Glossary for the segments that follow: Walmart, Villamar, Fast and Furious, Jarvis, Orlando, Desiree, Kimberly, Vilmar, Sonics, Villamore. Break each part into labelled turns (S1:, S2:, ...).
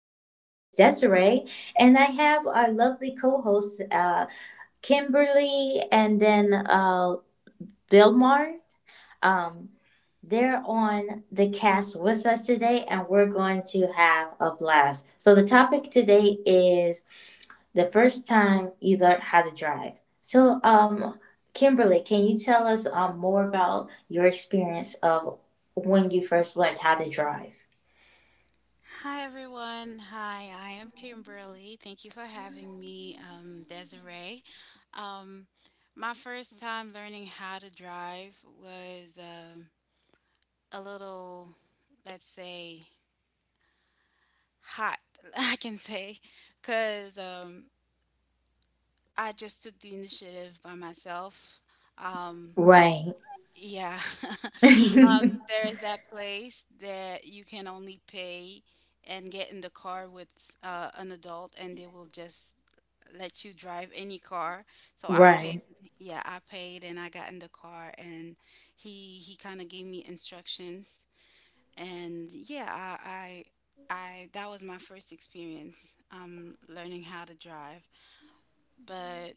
S1: as always, Desiree. And I have our lovely co hosts, Kimberly, and then Vilmar. Um, they're on the cast with us today, and we're going to have a blast. So the topic today is the first time you learned how to drive. So, Kimberly, can you tell us more about your experience of when you first learned how to drive?
S2: Hi everyone. Hi, I am Kimberly. Thank you for having me, Desiree. Um, my first time learning how to drive was a little, let's say, hot, I can say, because I just took the initiative by myself. Um,
S1: Right.
S2: yeah. There is that place that you can only pay and get in the car with an adult, and they will just let you drive any car. So I paid,
S1: right.
S2: yeah, I paid, and I got in the car, and he kind of gave me instructions, and yeah, I, I that was my first experience learning how to drive, but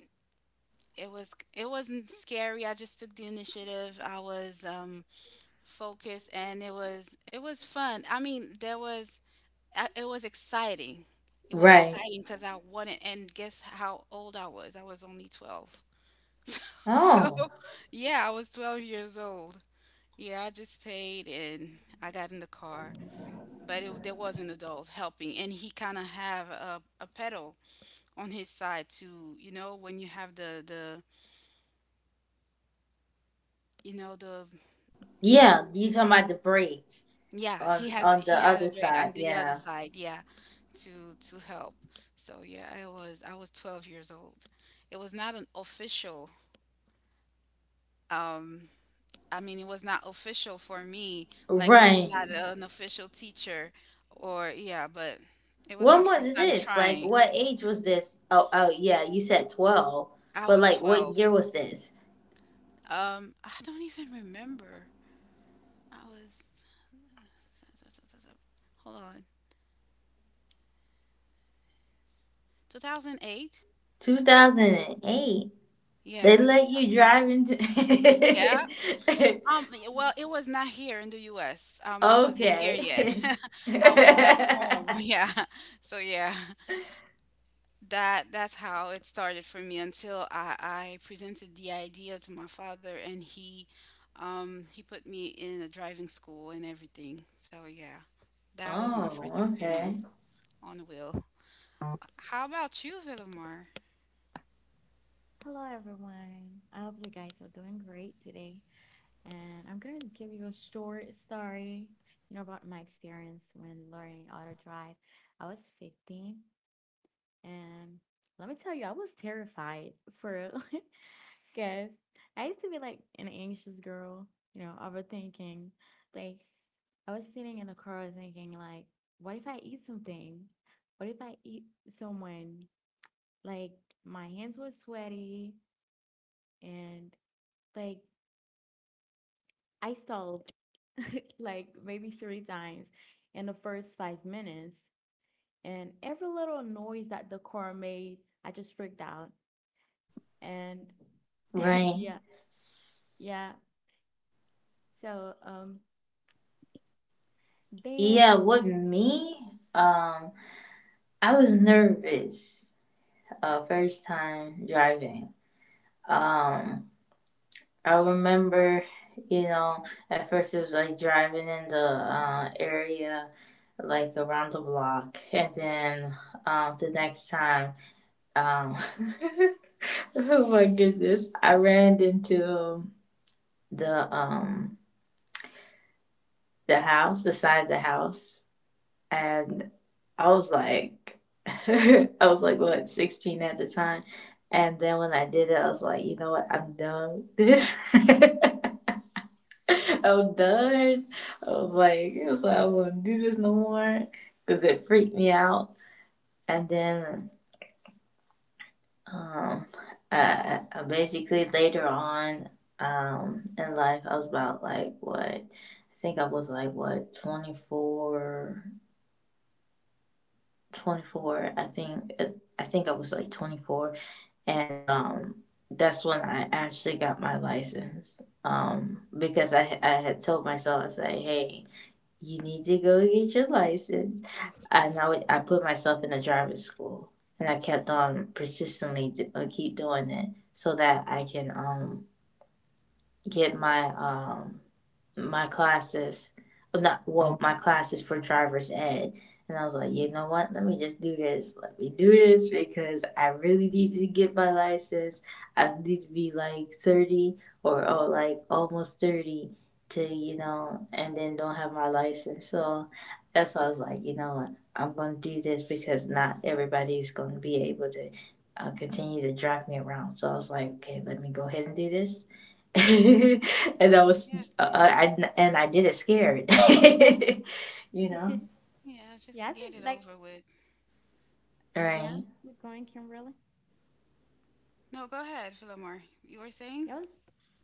S2: it wasn't scary. I just took the initiative. I was focus and it was fun. I mean there was it was exciting. It was
S1: Right.
S2: exciting because I wanted. And guess how old I was? I was only 12. So
S1: Oh.
S2: yeah, I was 12 years old. Yeah, I just paid and I got in the car, but there was an adult helping and he kind of have a pedal on his side to, you know, when you have the, you know, the um,
S1: Yeah, you talking about the break
S2: yeah, he has
S1: on the
S2: he has a
S1: other
S2: bag on
S1: side,
S2: the other
S1: yeah.
S2: side, yeah, to help. So yeah, I was 12 years old. It was not an official um I mean it was not official for me, like it was
S1: Right.
S2: not an official teacher or, yeah, but it was my
S1: When
S2: first
S1: was
S2: time
S1: this? Like
S2: trying.
S1: what age was this? Oh, oh yeah, you said 12.
S2: I
S1: But
S2: was
S1: like what
S2: 12.
S1: year was this?
S2: I don't even remember. I was, hold on. 2008?
S1: 2008. They
S2: Yeah.
S1: let you drive into.
S2: Yeah, y well, it was not here in the US. I wasn't here
S1: Okay.
S2: yet. I was back home. Yeah. So yeah, that's how it started for me until I presented the idea to my father and he put me in a driving school and everything. So yeah, that was my first
S1: oh,
S2: experience
S1: okay.
S2: on the wheel. How about you, Villamar?
S3: Hello, everyone. I hope you guys are doing great today. And I'm going to give you a short story, you know, about my experience when learning auto drive. I was 15, and let me tell you, I was terrified for real. Because I used to be like an anxious girl, you know, overthinking. Like, I was sitting in the car thinking, like, what if I eat something? What if I eat someone? Like, my hands were sweaty, and like I stalled like maybe 3 times in the first 5 minutes. And every little noise that the car made, I just freaked out. And
S1: Right.
S3: yeah, yeah. So then
S1: Yeah, with me, um, I was nervous first time driving. Um, I remember, you know, at first it was like driving in the area, like around the block, and then the next time, um, oh my goodness, I ran into the um the house, the side of the house, and I was like, I was like, what, 16 at the time. And then when I did it, I was like, you know what, I'm done with this. I'm done. I was like, I won't do this no more because it freaked me out. And then, um, basically later on, in life, I was about like what, I think I was like what, 24, 24 I think I think I was like 24, and that's when I actually got my license, because I had told myself, I was like, hey, you need to go get your license. And I put myself in a driving school, and I kept on persistently keep doing it so that I can get my my classes, well, not well my classes for driver's ed. And I was like, you know what? Let me just do this. Let me do this because I really need to get my license. I need to be like 30, or like almost 30, to, you know, and then don't have my license. So that's why I was like, you know what? I'm going to do this because not everybody's going to be able to continue to drag me around. So I was like, okay, let me go ahead and do this. and I was,
S2: Yeah,
S1: and I did it scared. you know?
S2: yeah, just to
S3: yeah, I
S2: get it
S3: think
S2: over
S3: like
S2: with.
S3: yeah,
S1: Right,
S3: are going, Kimberly.
S2: No, go ahead, Villamar. You were saying?
S3: I was,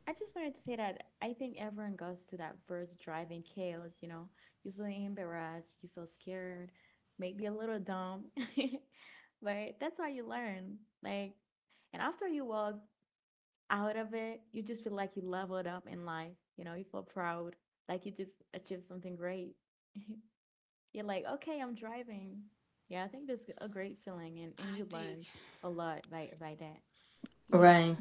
S3: I just wanted to say that I think everyone goes to that first driving chaos, you know, you feel embarrassed, you feel scared, maybe a little dumb, but that's how you learn. Like, and after you walk out of it, you just feel like you leveled up in life, you know, you feel proud, like you just achieved something great. You're like, okay, I'm driving. Yeah, I think that's a great feeling,
S2: I
S3: and you
S2: think,
S3: learn a lot by that.
S2: yeah.
S1: right,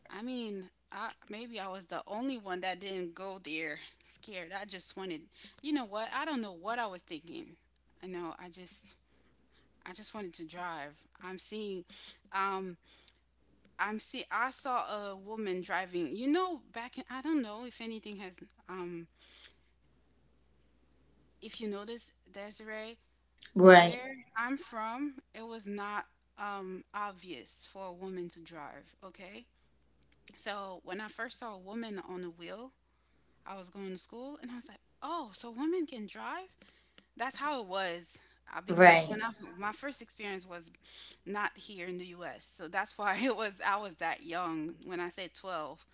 S2: I mean, I maybe I was the only one that didn't go there scared. I just wanted, you know what? I don't know what I was thinking. I know. I just wanted to drive. I'm seeing, um, I'm see. I saw a woman driving. You know, back in, I don't know if anything has, um, if you notice, Desiree,
S1: right,
S2: where I'm from, it was not obvious for a woman to drive. Okay. So when I first saw a woman on the wheel, I was going to school and I was like, oh, so women can drive? That's how it was. Uh, because
S1: right,
S2: when I, my first experience was not here in the US. So that's why it was, I was that young when I said 12.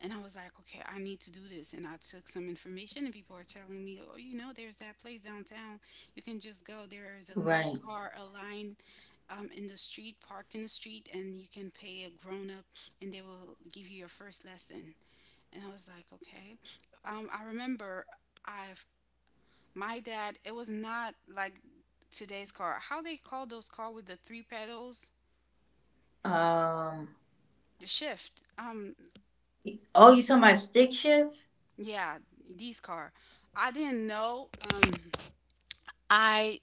S2: And I was like, okay, I need to do this. And I took some information and people are telling me, oh, you know, there's that place downtown. You can just go. There is a lot of
S1: right.
S2: car aligned in the street, parked in the street, and you can pay a grown up and they will give you your first lesson. And I was like, okay. I remember I've my dad, it was not like today's car. How they call those car with the three pedals?
S1: Um,
S2: The shift.
S1: oh, you talking about stick shift?
S2: Yeah, these car. I didn't know. I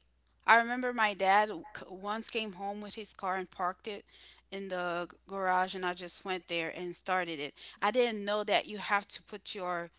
S2: I remember my dad once came home with his car and parked it in the garage, and I just went there and started it. I didn't know that you have to put your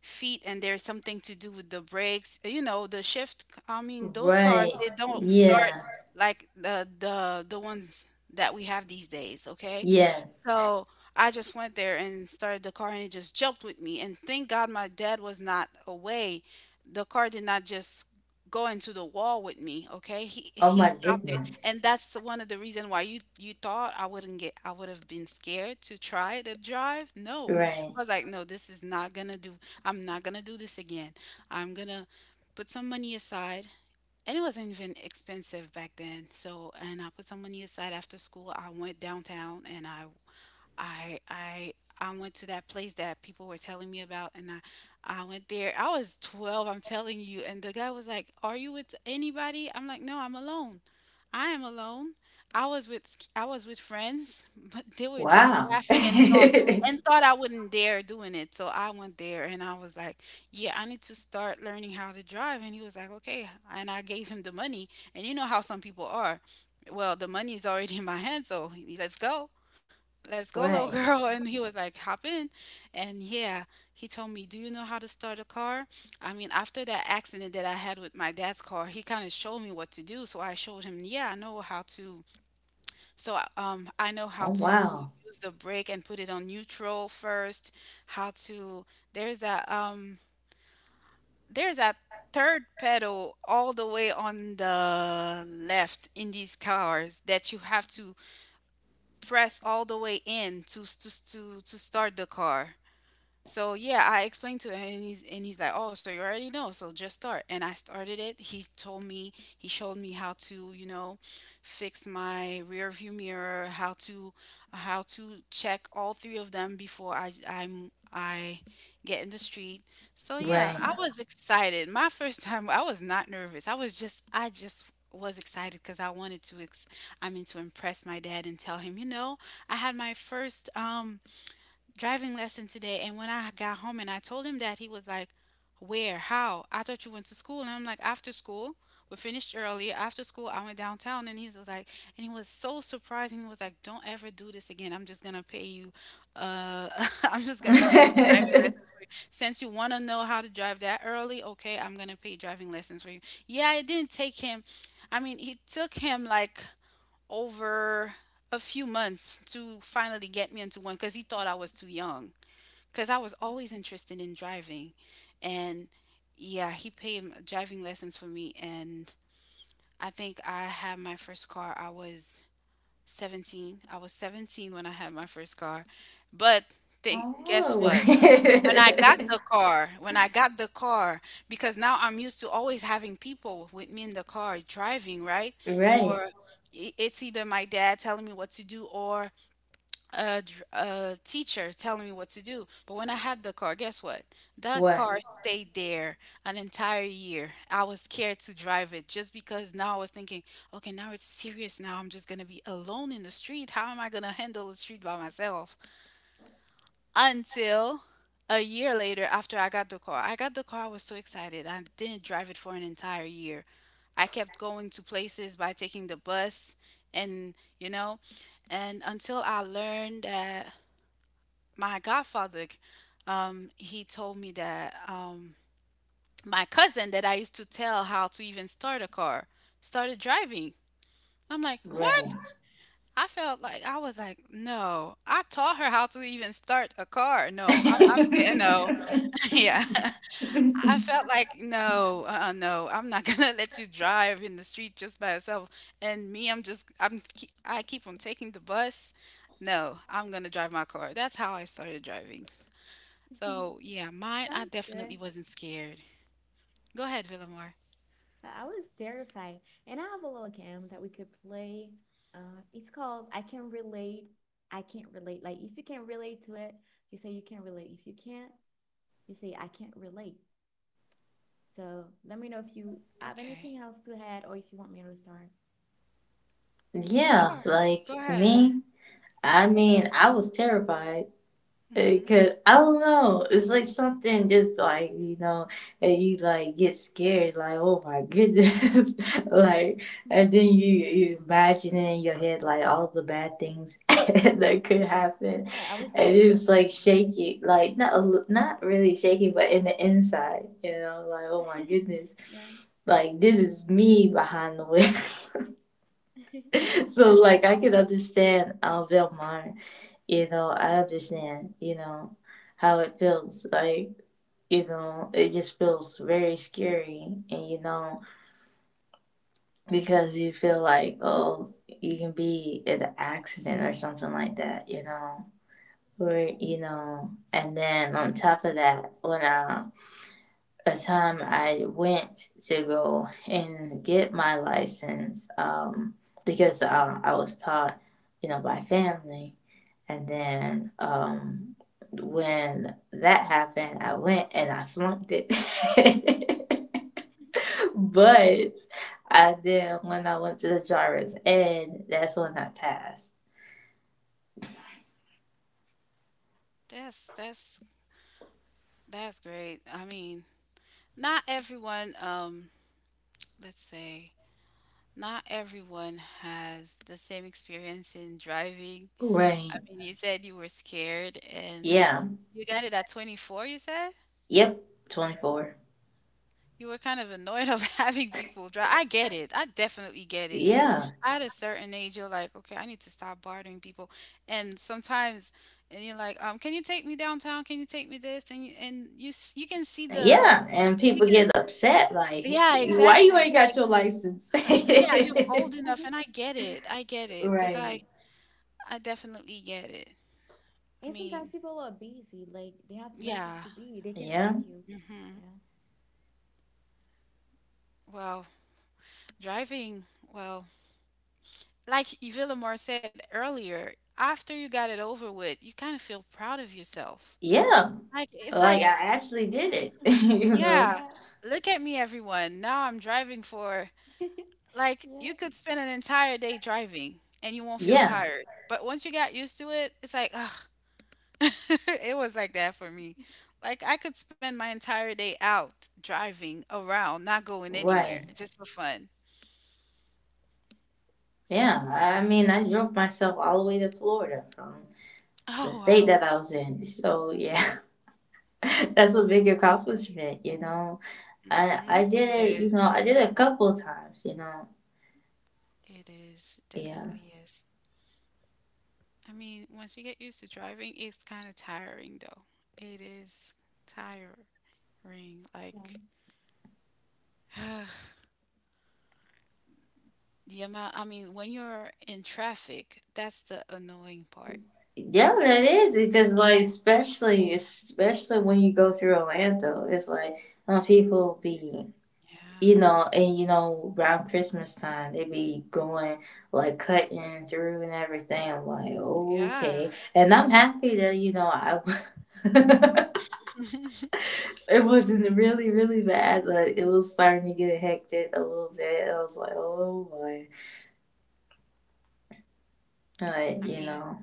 S2: feet and there's something to do with the brakes, you know, the shift. I mean, those cars,
S1: Right,
S2: they don't start
S1: yeah,
S2: like the ones that we have these days. Okay,
S1: yes.
S2: so I just went there and started the car, and it just jumped with me. And thank God my dad was not away. The car did not just go into the wall with me. Okay, he
S1: Oh
S2: he
S1: my
S2: stopped it,
S1: goodness.
S2: and that's one of the reason why you thought I wouldn't get. I would have been scared to try the drive. No,
S1: Right.
S2: I was like, no, this is not gonna do. I'm not gonna do this again. I'm gonna put some money aside, and it wasn't even expensive back then. So, and I put some money aside, after school I went downtown and I I i went to that place that people were telling me about and I went there. I was 12, I'm telling you, and the guy was like, "Are you with anybody?" I'm like, "No, I'm alone. I am alone." I was with friends, but they were just
S1: Wow.
S2: laughing
S1: right.
S2: and thought I wouldn't dare doing it. So I went there and I was like, "Yeah, I need to start learning how to drive." And he was like, "Okay." And I gave him the money. And you know how some people are. Well, the money is already in my hand, so let's go, let's go, little girl. And he was like, hop in. And yeah, he told me, do you know how to start a car? I mean, after that accident that I had with my dad's car, he kind of showed me what to do. So I showed him, yeah, I know how to, I know how
S1: Oh,
S2: to
S1: wow.
S2: use the brake and put it on neutral first, how to, there's that um there's that third pedal all the way on the left in these cars that you have to press all the way in to start the car. So yeah, I explained to him, and he's like, "Oh, so you already know, so just start." And I started it. He told me, he showed me how to, you know, fix my rear view mirror, how to, how to check all three of them before I get in the street. So yeah,
S1: Right.
S2: I was excited. My first time, I was not nervous. I just was excited because I wanted to ex I mean to impress my dad and tell him, you know, I had my first driving lesson today. And when I got home and I told him that, he was like, "Where? How? I thought you went to school." And I'm like, "After school, we finished early. After school, I went downtown." And he was like, and he was so surprised. And he was like, "Don't ever do this again. I'm just gonna pay you. Uh, I'm just gonna pay some driving lessons for you. Since you wanna know how to drive that early, okay, I'm gonna pay driving lessons for you." Yeah, it didn't take him. I mean, it took him like over a few months to finally get me into one, because he thought I was too young. Because I was always interested in driving. And yeah, he paid driving lessons for me. And I think I had my first car, I was 17. I was 17 when I had my first car. But think, guess
S1: oh.
S2: what? When I got the car, because now I'm used to always having people with me in the car driving, right?
S1: right.
S2: Or it's either my dad telling me what to do or a teacher telling me what to do. But when I had the car, guess what? That
S1: What?
S2: car stayed there an entire year. I was scared to drive it just because now I was thinking, okay, now it's serious. Now I'm just going to be alone in the street. How am I going to handle the street by myself? Until a year later after I got the car. I got the car, I was so excited. I didn't drive it for an entire year. I kept going to places by taking the bus and, you know, and until I learned that my godfather he told me that my cousin that I used to tell how to even start a car started driving. I'm like,
S1: Right.
S2: "What?" I felt like, I was like, no, I taught her how to even start a car. No, I'm no,
S1: yeah,
S2: yeah. I felt like, "No, no, I'm not gonna let you drive in the street just by yourself." And me, I keep on taking the bus. No, I'm gonna drive my car. That's how I started driving. So yeah, mine, I
S3: Sounds good.
S2: definitely wasn't scared. Go ahead, Villamore.
S3: I was terrified. And I have a little game that we could play. It's called I Can Relate, I Can't Relate. Like, if you can relate to it, you say you can relate. If you can't, you say I can't relate. So let me know if you have
S2: Okay,
S3: anything else to add or if you want me to start.
S1: yeah.
S2: sure. Go
S1: Like
S2: ahead.
S1: me. I mean, I was terrified. It
S2: Hmm.
S1: could, I don't know. It's like something just like, you know, and you like get scared, like, oh my goodness. like,
S3: Mhm.
S1: and then you imagine it in your head, like all the bad things that could happen.
S3: Yeah, I was
S1: And
S3: like,
S1: it's like
S3: "Damn."
S1: shaking, like not, a li- not really shaking, but in the inside, you know, like, oh my goodness.
S3: yeah.
S1: Like, this is me behind the wheel. so, like, I can understand Velmar. You know, I understand, you know, how it feels. Like, you know, it just feels very scary. And, you know, because you feel like, oh, you can be in an accident or something like that, you know. Or, you know, and then on top of that, when I a time I went to go and get my license, because I was taught, you know, by family. And then when that happened, I went and I flunked it. but I then when I went to the Jarvis, and that's when I passed.
S2: That's that's great. I mean, not everyone, let's say, not everyone has the same experience in driving. I
S1: Right.
S2: mean, you said you were scared and
S1: Yeah.
S2: you got it at 24, you said?
S1: Yep. 24.
S2: You were kind of annoyed of having people drive. I get it. I definitely get it because
S1: Yeah.
S2: at a certain age, you're like, okay, I need to stop bothering people. And sometimes, and you're like, can you take me downtown? Can you take me this? And you can see the
S1: Yeah. And
S2: you
S1: people
S2: can
S1: get
S2: s-
S1: upset, like,
S2: yeah,
S1: why you
S2: exactly,
S1: ain't got
S2: like
S1: your license?
S2: since yeah you're old enough and I get it because
S1: right.
S2: I definitely get it. I
S3: And sometimes
S2: mean,
S3: people are busy, like they have places
S2: yeah.
S3: to be, they can
S1: Yeah.
S3: take you.
S2: Mm-hmm.
S3: Yeah.
S2: Well, Driving, well, like Villamor said earlier, after you got it over with, you kind of feel proud of yourself.
S1: Yeah.
S2: Like, it's
S1: Like I
S2: like,
S1: actually did it. you
S2: yeah,
S1: know?
S3: Yeah.
S2: look at me, everyone. Now I'm driving for, like, you
S3: Yeah.
S2: could spend an entire day driving and you won't feel
S1: Yeah.
S2: tired. But once you got used to it, it's like, ugh. It was like that for me. Like, I could spend my entire day out driving around, not going anywhere,
S1: Right.
S2: just for fun.
S1: Yeah,
S2: Yeah.
S1: I mean, I drove myself all the way to Florida from the
S2: Oh,
S1: state that
S2: wow.
S1: I was in. So yeah, that's a big accomplishment, you know. I
S2: Mm-hmm.
S1: I did
S2: It
S1: it, you
S2: is.
S1: know, I did it a couple times, you know.
S2: It
S1: Yeah.
S2: definitely is. I mean, once you get used to driving, it's kind of tiring though. It is tiring.
S3: Yeah.
S2: Like, the amount, I mean, when you're in traffic, that's the annoying part.
S1: Yeah, that is, because like, especially especially when you go through Orlando, it's like people be,
S2: Yeah.
S1: you know, and you know, around Christmas time, they be going like cutting through and everything. I'm like,
S2: Yeah.
S1: okay, and I'm happy that you know I. it wasn't really really bad, but it was starting to get hectic a little bit. I was like, oh boy,
S2: I
S1: but you
S2: mean,
S1: know,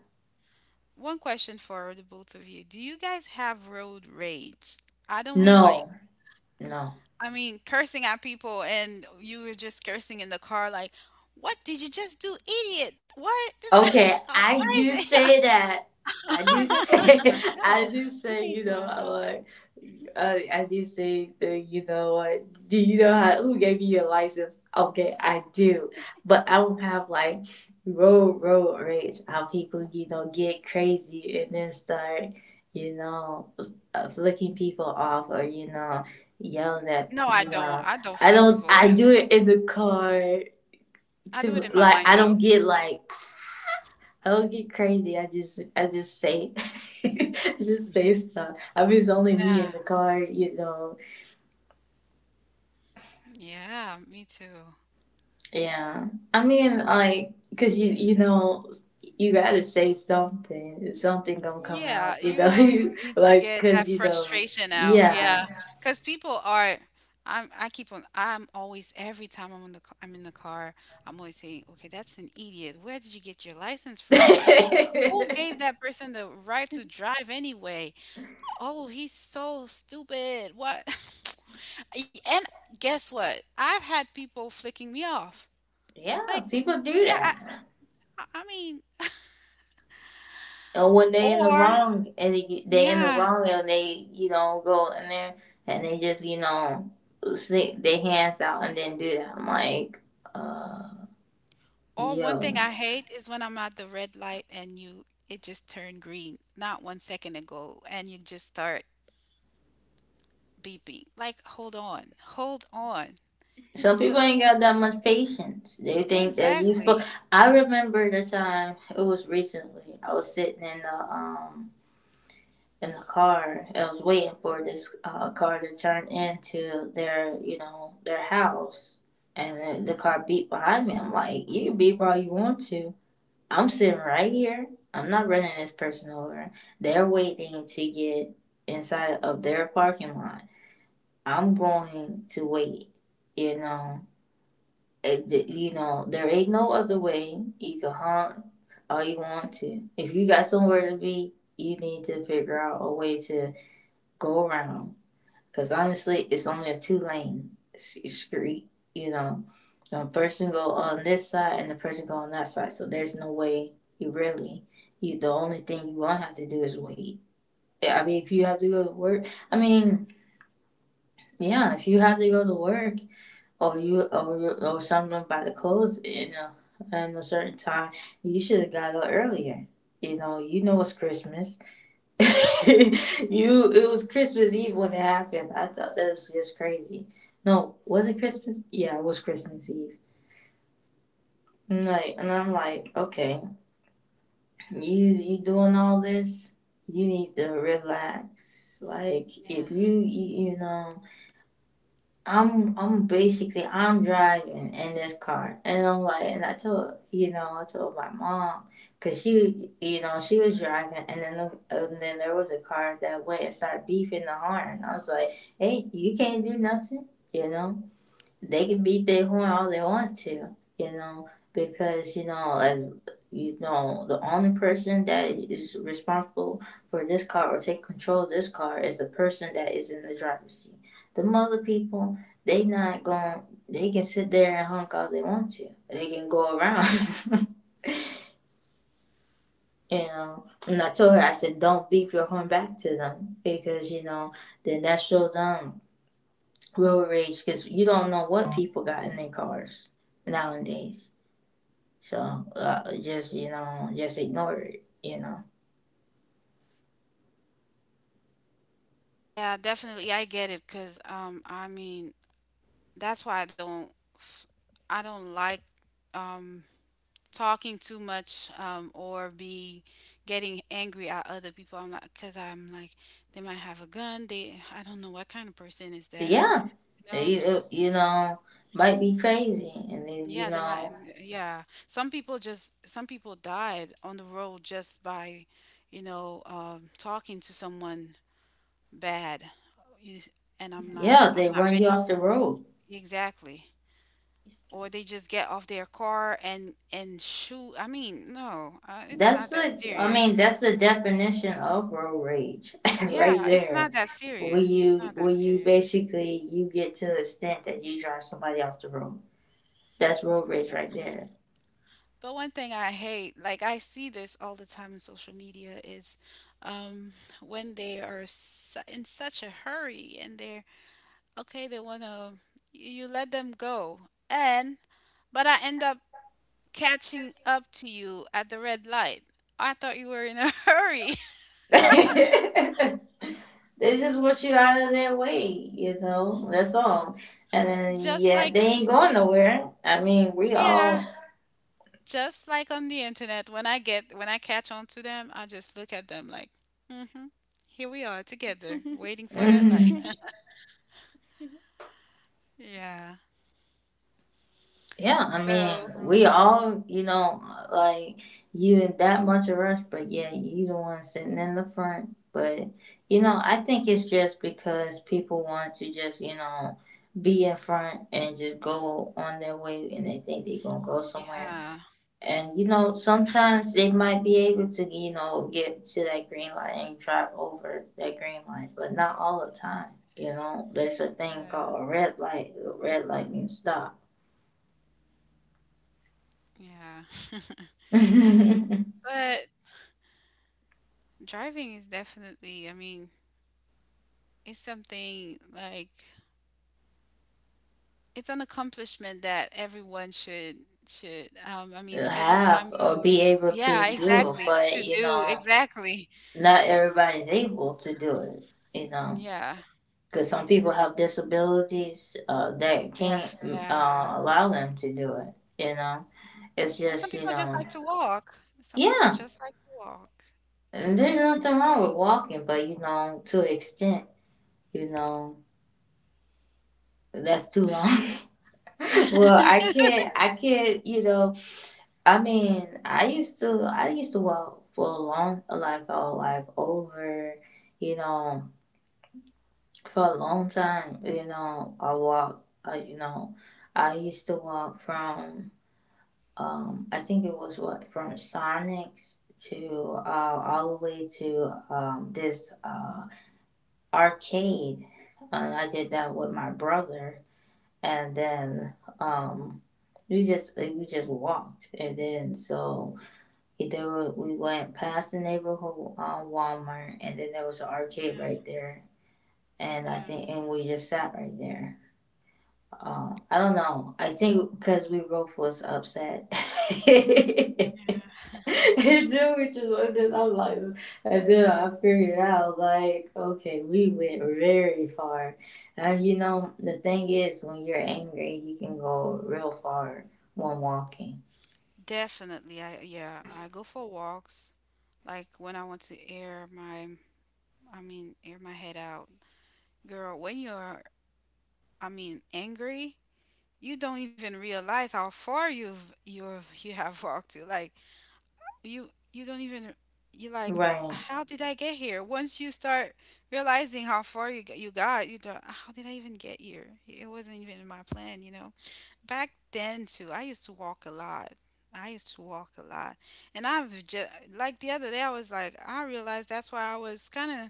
S2: one question for the both of you. Do you guys have road rage? I don't mean like,
S1: no, no.
S2: I mean cursing at people and you were just cursing in the car like, what did you just do, idiot? What?
S1: Okay, I
S2: Why is
S1: do
S2: it?
S1: say that. I do
S3: Sometimes I say it to
S1: say, I
S3: myself.
S1: do
S3: I
S1: say,
S3: say
S1: you
S3: it to
S1: know, I'm
S3: myself.
S1: like, I do say that, you know what? Do you know how, who gave you your license? Okay, I do. But I don't have like road rage. How people, you know, get crazy and then start, you know, flicking people off or, you know, yelling at,
S2: No, I
S1: you
S2: don't.
S1: know.
S2: I don't
S1: I
S2: flick
S1: don't,
S2: people.
S1: I do it in the car
S2: I do it
S1: too.
S2: in my
S1: Like, I
S2: mind
S1: don't
S2: though.
S1: get like, I don't get crazy. I just say, just say stuff. I mean, it's only me
S2: Yeah.
S1: in the car, you know.
S2: Yeah, me too.
S1: Yeah. I mean,
S2: I,
S1: like, cause you know you gotta say something. Something gonna come out,
S2: yeah,
S1: you
S2: you
S1: know.
S2: know, you
S1: You
S2: need to
S1: like,
S2: get that
S1: cause you know,
S2: frustration out.
S1: yeah.
S2: Yeah. 'Cause people are I keep on I'm always every time I'm in the car, I'm always saying, "Okay, that's an idiot. Where did you get your license from?" Like, who gave
S1: yeah,
S2: that person the right to drive anyway? Oh, he's so stupid. What? And guess what? I've had people flicking me off. Like,
S1: people do
S2: yeah, I
S1: that.
S2: I I mean,
S1: And when they in the
S2: or
S1: wrong, and they in the
S2: yeah,
S1: wrong, and they you know go in there and they just you know stick their hands out and then do that. I'm like, uh,
S2: or
S1: yo.
S2: one thing I hate is when I'm at the red light and you it just turned green not one second ago and you just start beeping. Like, hold on, hold on.
S1: Some people
S2: The
S1: ain't got that much patience. They think that you supposed.
S2: exactly.
S1: I remember the time it was recently. I was sitting in the car. I was waiting for this car to turn into their you know their house, and the car beat behind me. I'm like, you can beep all you want to. I'm sitting right here. I'm not running this person over. They're waiting to get inside of their parking lot. I'm going to wait. You know, it, you know, there ain't no other way. You can honk all you want to. If you got somewhere to be, you need to figure out a way to go around. Cause honestly, it's only a two-lane street. You know, a person go on this side and the person go on that side. So there's no way you really. You the only thing you won't have to do is wait. Yeah, I mean, if you have to go to work, I mean, yeah, if you have to go to work, or you or something about to close in a certain time, you should have got up earlier. You know it's Christmas. you, it was Christmas Eve when it happened. I thought that was just crazy. No, was it Christmas? Yeah, it was Christmas Eve. And like, and I'm like, okay, you doing all this? You need to relax. Like if you
S2: Yeah.
S1: you you know I'm basically I'm driving in this car, and I'm like, and I told you know I told my mom because she you know she was driving, and then there was a car that went and started beeping the horn, and I was like, hey, you can't do nothing, you know they can beat their horn all they want to, you know, because you know, as you know, the only person that is responsible for this car or take control of this car is the person that is in the driver's seat. The other people, they not going. They can sit there and honk all they want to. They can go around.
S2: Yeah.
S1: you
S2: Yeah.
S1: know, and I told her, I said, don't beep your horn back to them because you know, then that shows them road rage, because you don't know what people got in their cars nowadays. So just you know, just ignore it. You know,
S2: Yeah, definitely. I get it because I mean, that's why f- I don't like um talking too much, or be getting angry at other people. I'm like, because I'm like, they might have a gun. They, I don't know what kind of person is
S1: but
S2: that.
S1: yeah,
S2: You know,
S1: you
S2: just
S1: know might be crazy, and then you
S2: yeah, they
S1: know,
S2: might. Yeah, some people just some people died on the road just by, talking to someone bad. You, and I'm
S1: yeah,
S2: not.
S1: they
S2: I'm
S1: run
S2: not
S1: you off
S2: ready
S1: the road.
S2: exactly. Or they just get off their car and shoot. I mean, no, it's
S1: That's
S2: not that
S1: the, I mean,
S2: serious.
S1: that's the definition of road rage, right
S2: Yeah, it's
S1: there.
S2: not that
S1: When
S2: serious.
S1: you
S2: It's not
S1: when
S2: that
S1: you
S2: serious.
S1: basically you get to the extent that you drive somebody off the road. That's road rage right there.
S2: But one thing I hate, like I see this all the time in social media, is um, when they are su in such a hurry and they're okay, they want to, you let them go. And, but I end up catching up to you at the red light. I thought you were in a hurry.
S1: This is what you got out of their way, you know. That's all. And then
S2: Just
S1: yeah,
S2: like,
S1: they ain't going nowhere. I mean, we
S2: yeah,
S1: all.
S2: just like on the internet, when I get when I catch on to them, I just look at them like, mm-hmm, here we are together,
S3: you.
S2: waiting for that
S1: mm,
S2: line. Yeah.
S1: yeah, I mean,
S2: So
S1: we all, you know, like you in that much of a rush, but yeah, you the one sitting in the front. But you know, I think it's just because people want to just, you know, be in front and just go on their way, and they think they gonna go somewhere.
S2: yeah,
S1: And you know, sometimes they might be able to, you know, get to that green light and drive over that green light, but not all the time. You know, there's a thing
S2: yeah,
S1: called a red light. A red light means stop.
S2: yeah.
S1: Have
S2: But driving is definitely, I mean, it's something like it's an accomplishment that everyone should I mean every time
S1: or
S2: you
S1: be able to
S2: yeah,
S1: do,
S2: exactly.
S1: but
S2: To
S1: you
S2: do
S1: know,
S2: exactly.
S1: not everybody's able to do it. You know,
S2: Yeah.
S1: because some
S3: Mhm.
S1: people have disabilities that can't
S2: Def yeah.
S1: allow them to do it. You know, it's
S2: And some
S1: just
S2: people just like to walk. Some people
S1: yeah.
S2: just like to walk.
S1: And there's nothing wrong with walking, but you know, to an extent, you know, that's too long. Well, I can't, I can't, you know, I mean, I used to walk for a long, like, oh, like over, you know, for a long time, you know, I walked, you know, I used to walk from, I think it was what, from Sonics to, all the way to, this, arcade, and I did that with my brother. And then um we just like, we just walked, and then so there were, we went past the neighborhood Walmart, and then there was an
S2: Yeah,
S1: arcade right there. And I
S2: yeah,
S1: think and we just sat right there. I don't know. I think because we both was upset.
S2: yeah.
S1: And then we just and then I'm like and then I figured out like okay we went very far. And you know the thing is, when you're angry you can go real far when walking.
S2: Definitely. I yeah, I go for walks. Like when I want to air my I mean, air my head out. Girl, when you're I mean, angry, you don't even realize how far you've you have walked to. Like you don't even you like
S1: Right,
S2: how did I get here? Once you start realizing how far you got, you don't, how did I even get here? It wasn't even in my plan, you know. Back then too, I used to walk a lot. I used to walk a lot, and I've just like the other day, I was like, I realized that's why I was kind of,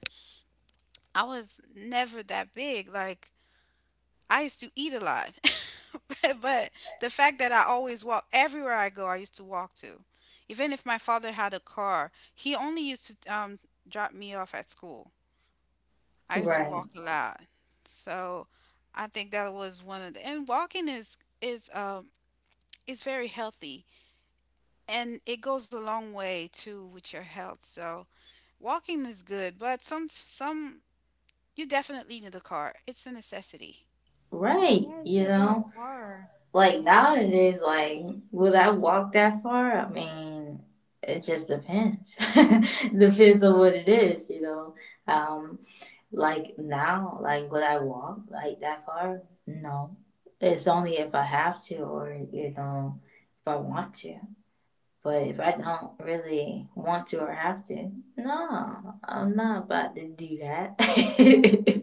S2: I was never that big. Like I used to eat a lot. but the fact that I always walk everywhere I go, I used to walk to. Even if my father had a car, he only used to drop me off at school. I used to
S1: right,
S2: walk a lot. So I think that was one of the, and walking is, is very healthy and it goes a long way too with your health. So walking is good, but you definitely need a car. It's a necessity.
S3: Yeah,
S1: right,
S3: if you're
S1: you
S3: going
S1: know,
S3: far.
S1: like
S3: Yeah.
S1: nowadays, like would I walk that far? I mean, it just depends. Depends on what it is, you know. um Like now, like would I walk like that far? No. It's only if I have to or you know, if I want to. But if I don't really want to or have to, no, I'm not about to do that.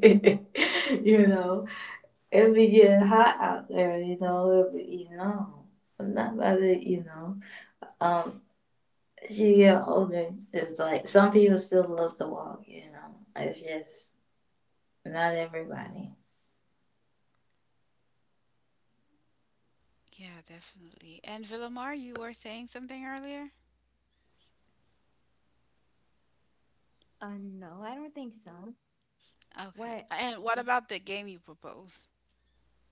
S1: You
S3: Mhm.
S1: know, it be getting hot out there, you know, be, you know, I'm not about to, you know. Um, as you get older, it's like some people still love to walk, you know. It's just not everybody.
S2: Yeah, definitely. And Villamar, you were saying something earlier?
S3: No, I don't think so.
S2: Okay.
S3: What?
S2: And what
S3: I
S2: about the game you propose?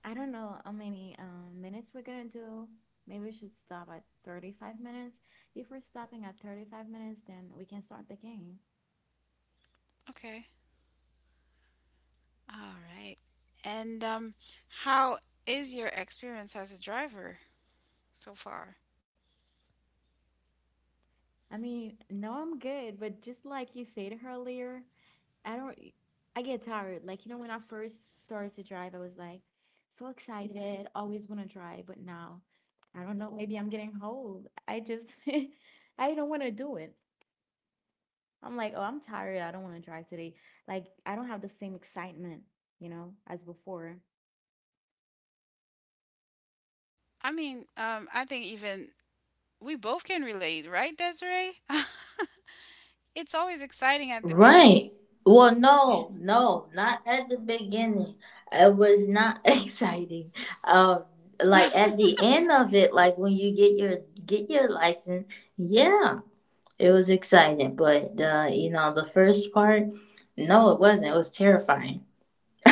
S3: don't know how many minutes we're gonna do. Maybe we should stop at 35 minutes. If we're stopping at 35 minutes, then we can start the game.
S2: Okay. All right. And how is your experience as a driver so far?
S3: I mean, no, I'm good, but just like you said earlier, I don't. E, I get tired. Like you know, when I first started to drive, I was like so excited, always want to drive. But now, I don't know. Maybe I'm getting old. I don't want to do it. I'm like, oh, I'm tired. I don't want to drive today. Like I don't have the same excitement, you know, as before.
S2: I mean, I think even we both can relate, right, Desiree? It's always exciting at the
S1: Right.
S2: beginning.
S1: Well,
S2: Yeah.
S1: no, no, not at the beginning. It was not exciting. Um, like at the end of it, like when you get your license, yeah, it was exciting. But you know, the first part, no, it wasn't. It was terrifying.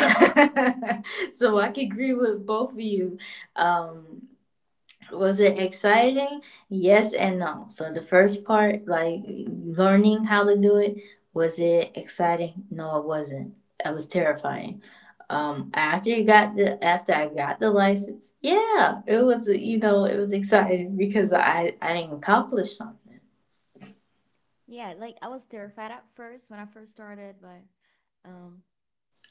S1: So I can agree with both of you. Um, was it exciting? Yes and no. So the first part, like learning how to do it, was it exciting? No, it wasn't. It was terrifying. After you got the after I got the license, yeah, it was, you know, it was exciting because I didn't accomplish something.
S3: Yeah, like I was terrified at first when I first started, but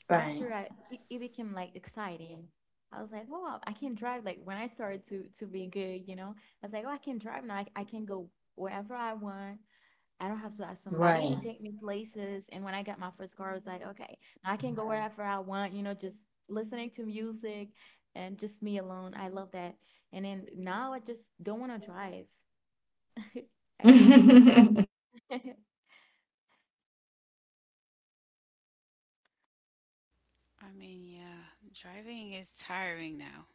S1: Right,
S3: after it became like exciting. I was like, oh, I can drive. Like when I started to be good, you know, I was like, oh, I can drive now. I can go wherever I want. I don't have to ask somebody to
S1: right.
S3: take me places. And when I got my first car, I was like, okay, now I can go wherever I want. You know, just listening to music and just me alone. I love that. And then now I just don't want to drive. I don't.
S2: I mean, yeah, driving is tiring now.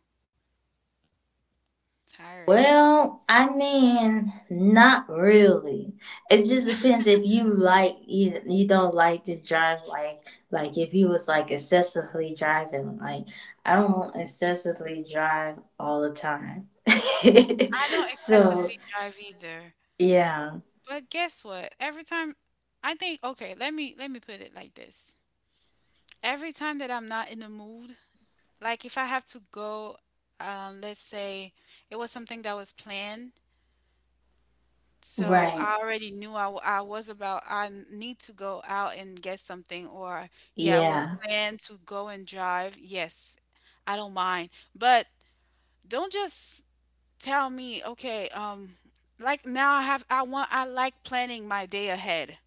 S2: Tiring.
S1: Well, I mean, not really. It just depends if you like you don't like to drive like if you was like excessively driving. Like I don't excessively drive all the time.
S2: I don't
S1: So
S2: excessively drive either.
S1: yeah,
S2: But guess what? Every time I think, okay, let me put it like this. Every time that I'm not in the mood. Like if I have to go, let's say it was something that was planned, so
S1: right.
S2: I already knew I was about, need to go out and get something, or yeah, it was
S1: Yeah,
S2: planned to go and drive. Yes, I don't mind, but don't just tell me, okay, like now I have, I want, I like planning my day ahead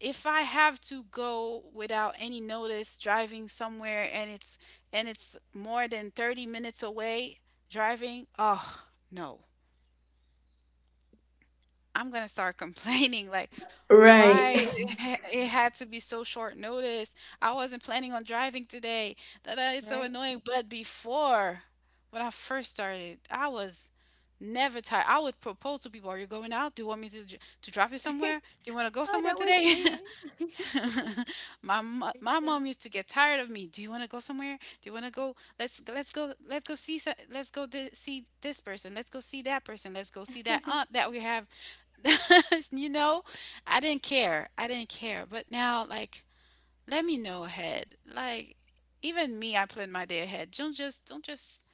S2: if I have to go without any notice driving somewhere and it's more than 30 minutes away driving, oh no. I'm going to start complaining like
S1: right.
S2: why it had to be so short notice. I wasn't planning on driving today. That it's so
S3: Right?
S2: annoying, but before when I first started, I was never tired. I would propose to people, "Are you going out? Do you want me to to drop you somewhere? Do you want to go
S3: Oh,
S2: somewhere
S3: that was
S2: today?"
S3: me.
S2: My mom used to get tired of me. Do you want to go somewhere? Do you want to go? Let's go see so, see this person. Let's go see that person. Let's go see that
S3: Me
S2: aunt that we have. you know, I didn't care. I didn't care. But now, like, let me know ahead. Like, even me, I plan my day ahead. Don't just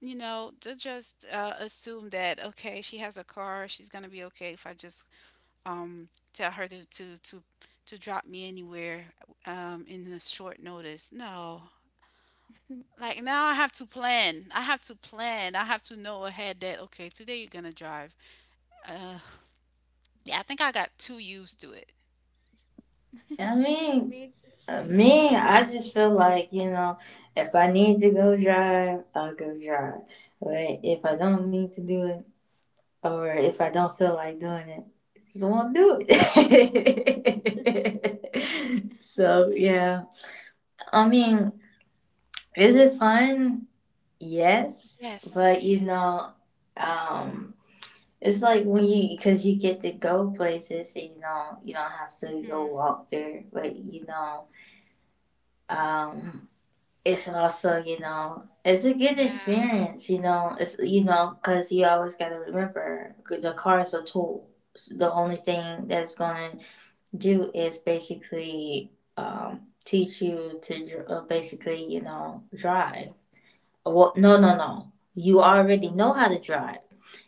S2: you know don't just assume that okay she has a car she's gonna be okay if I just tell her to, to drop me anywhere, in a short notice. No, like now I have to plan. I have to plan. I have to know ahead that okay, today you're gonna drive. Uh, yeah, I think I got too used to it.
S3: too.
S1: I mean,
S3: Me, t-
S1: me, I just feel like you know, if I need to go drive, I'll go drive. But if I don't need to do it, or if I don't feel like doing it, I just won't do it. So yeah. I mean, is it fun? Yes.
S2: Yes,
S1: But
S2: it
S1: you
S2: is.
S1: know, um, it's like when you because you get to go places and you don't have to go
S2: Mm-hmm.
S1: walk there, but you know, um, it's also, you know, it's a good
S2: Yeah.
S1: experience, you know, it's, you know, because you always got to remember the car is a tool. The only thing that's going to do is basically teach you to basically you know drive. Well, no you already know how to drive.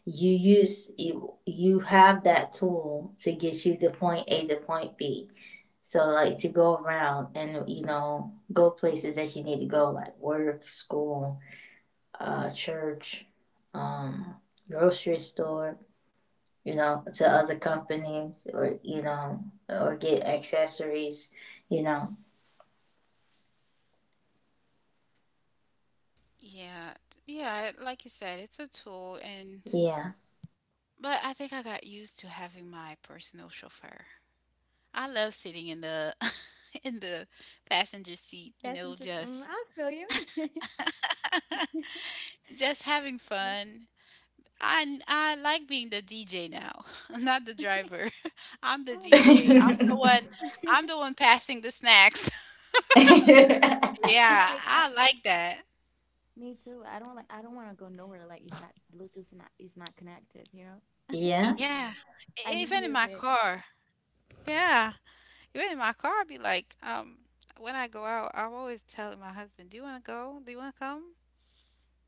S1: You use you, you have that tool to get you to point a to point b, so like to go around and you know go places that you need to go, like work, school, church, um, grocery store. You know, to other companies or you know or get accessories. You know,
S2: Yeah. Yeah, like you said, it's a tool, and
S1: yeah.
S2: but I think I got used to having my personal chauffeur. I love sitting in the in the passenger seat, you
S3: that's
S2: know,
S3: inter- mm, I feel you.
S2: just having fun. I like being the DJ now, not the driver. I'm the
S3: Oh, me
S2: DJ.
S3: too.
S2: I'm the one passing the snacks.
S3: Me
S2: Yeah,
S3: like, I,
S2: I like that.
S3: me too. I don't like. I don't want to go nowhere. Like if that Bluetooth not is not connected, you know.
S1: yeah.
S2: Yeah.
S3: I
S2: Even
S3: need
S2: in my
S3: music.
S2: car. Yeah. Even in my car I'd be like, when I go out, I'm always telling my husband, do you wanna go? Do you wanna come?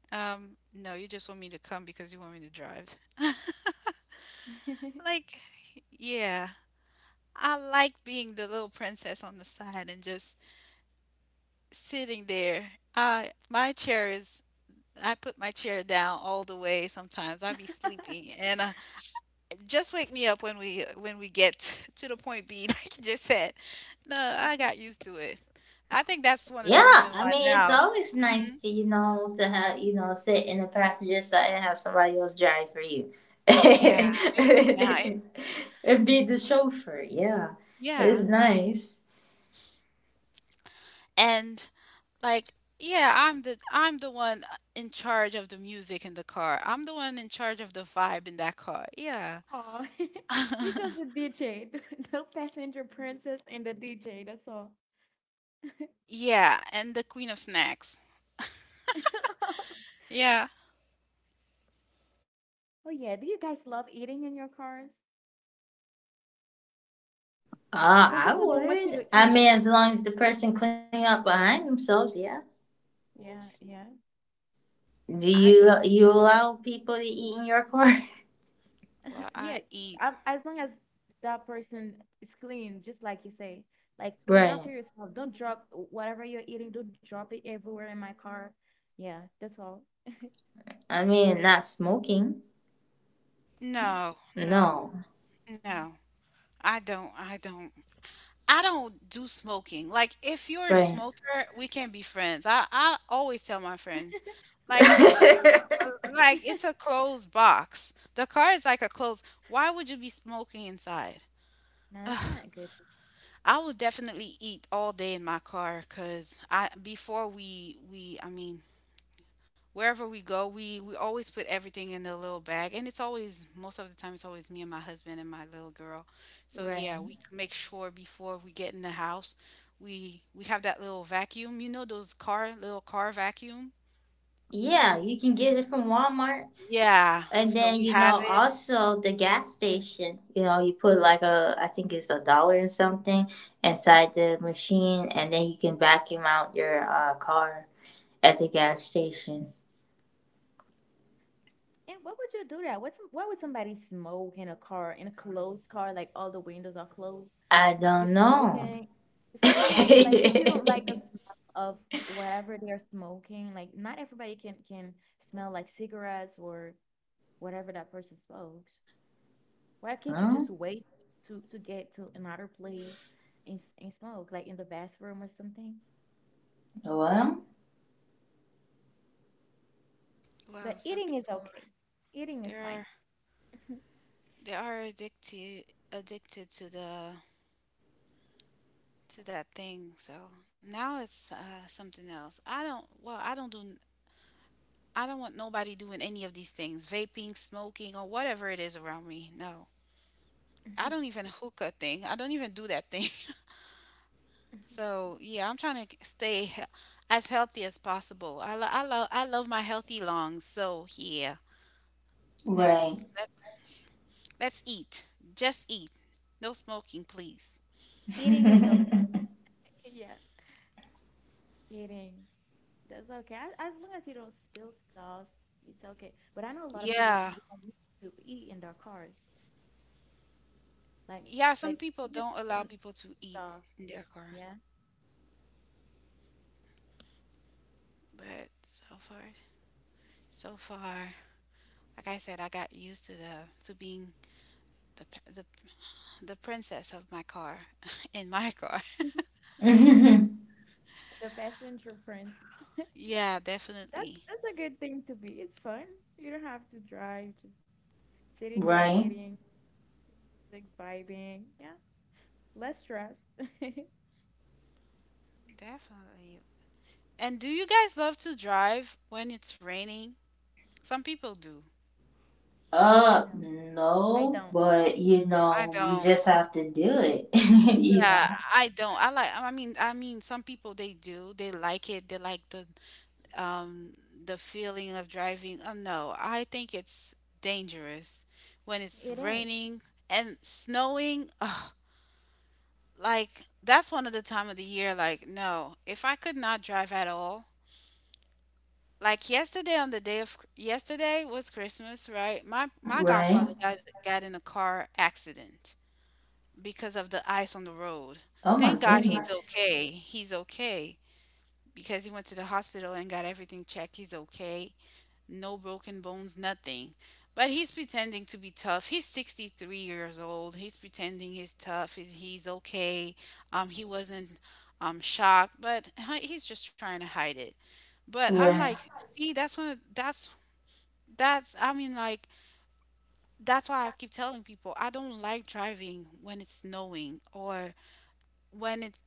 S2: No, you just want me to come because you want me to drive. Like, yeah. I like being the little princess on the side and just sitting there. I my chair is I put my chair down all the way sometimes. I be sleeping and just wake me up when we get to the point B like you just said. No, I got used to it. I think that's one of
S1: Yeah,
S2: the reason
S1: I
S2: why
S1: mean it's
S2: now.
S1: always
S2: Hmm.
S1: nice to, you know, to have, you know, sit in the passenger side and have somebody else drive for you,
S2: Yeah, it's now. it's-
S1: and be the chauffeur. Yeah, it's
S2: Yeah.
S1: nice.
S2: And like yeah, I'm the one in charge of the music in the car. I'm the one in charge of the vibe in that car. Yeah.
S3: Oh, you just a DJ, the passenger princess and the DJ. That's all.
S2: Yeah, and the queen of snacks. Yeah.
S3: Oh yeah. Do you guys love eating in your cars? Some
S1: I
S3: people don't want you
S1: would.
S3: to
S1: I
S3: eat.
S1: mean, as long as the person clean up behind themselves. Yeah.
S3: Yeah, yeah.
S1: Do
S2: I
S1: you allow people to eat in your car?
S2: well, I
S3: yeah,
S2: eat.
S3: as long as that person is clean, just like you say, like clean after
S1: Right.
S3: yourself. Don't drop whatever you're eating. Don't drop it everywhere in my car. Yeah, that's all.
S1: I mean, not smoking.
S2: No, no,
S1: No.
S3: Mm,
S2: no. I don't. I don't do smoking. Like if you're a
S1: Right.
S2: smoker, we can be friends. I always tell my friends, like it's a like it's a closed box. The car is like a closed. Why would you be smoking inside?
S3: no, it's
S2: Ugh,
S3: not good.
S2: I would definitely eat all day in my car because I before we I mean wherever we go, we always put everything in the little bag, and it's always most of the time it's always me and my husband and my little girl. So yeah,
S1: Right.
S2: make sure before we get in the house, we have that little vacuum. You know those car little car vacuum.
S1: Yeah, you can get it from Walmart.
S2: Yeah,
S1: And
S2: so
S1: then
S2: we
S1: you
S2: have
S1: know
S2: it.
S1: also the gas station. You know you put like a I think it's a dollar and something inside the machine, and then you can vacuum out your car at the
S3: Yeah.
S1: gas station.
S3: And what would you do that? What's why would somebody smoke in a car in a closed car? Like all the windows are closed.
S1: I
S3: You
S1: don't know.
S3: smoking, especially like if you don't like the smell of whatever they're smoking. Like not everybody can smell like cigarettes or whatever that person smokes. Why can't you
S1: Huh?
S3: just wait to get to another place and smoke, like in the bathroom or something?
S1: Well,
S2: Wow,
S3: But eating is okay. Eating is
S2: they
S3: fine.
S2: are they are addicted to the to that thing. So now it's something else. I don't want nobody doing any of these things, vaping, smoking, or whatever it is around me. No. I don't even hookah thing. I don't even do that thing. So, yeah, I'm trying to stay he- as healthy as possible. I love my healthy lungs. So, yeah. Let's
S1: right,
S2: let's let's eat. Just eat. No smoking, please.
S3: Eating is okay. Yeah, eating. That's okay. As long as you don't spill stuff, it's okay. But I know a lot of people who
S2: Yeah.
S3: don't want to eat in their cars. Like,
S2: Yeah, some
S3: like
S2: people
S3: even if
S2: don't
S3: you
S2: allow
S3: don't
S2: people to
S3: eat
S2: eat
S3: stuff.
S2: in their car,
S3: Yeah.
S2: but so far, like I said, I got used to the to being the p- the princess of my car in my car.
S3: The passenger princess.
S2: Yeah,
S3: That's
S2: definitely.
S3: a good thing to be. It's fun. You don't have to drive, just sitting there
S1: right.
S3: eating, music, vibing. Yeah, less stress.
S2: Definitely. And do you guys love to drive when it's raining? Some people do.
S3: No, I
S1: No,
S3: don't.
S1: but you
S2: I
S1: know you
S2: don't.
S1: just have to do it. You know,
S2: Yeah, I don't. I mean some people they do. They like it. They like um the feeling of driving. Oh no, I think it's dangerous when it's
S3: It is.
S2: raining and snowing. Like that's one of the time of the year like no, if I could not drive at all, like yesterday on the day of yesterday was Christmas, right? My
S1: right?
S2: godfather got in a car accident because of the ice on the road.
S1: Oh my
S2: Thank God he's
S1: goodness,
S2: okay. He's okay because he went to the hospital and got everything checked. He's okay, no broken bones, nothing. But he's pretending to be tough. He's 63 years old. He's pretending he's tough. He's okay. He wasn't shocked, but he's just trying to hide it. But I'm
S1: right.
S2: like, see, that's one. Of- That's that's. I mean, like, that's why I keep telling people I don't like driving when it's snowing or when it's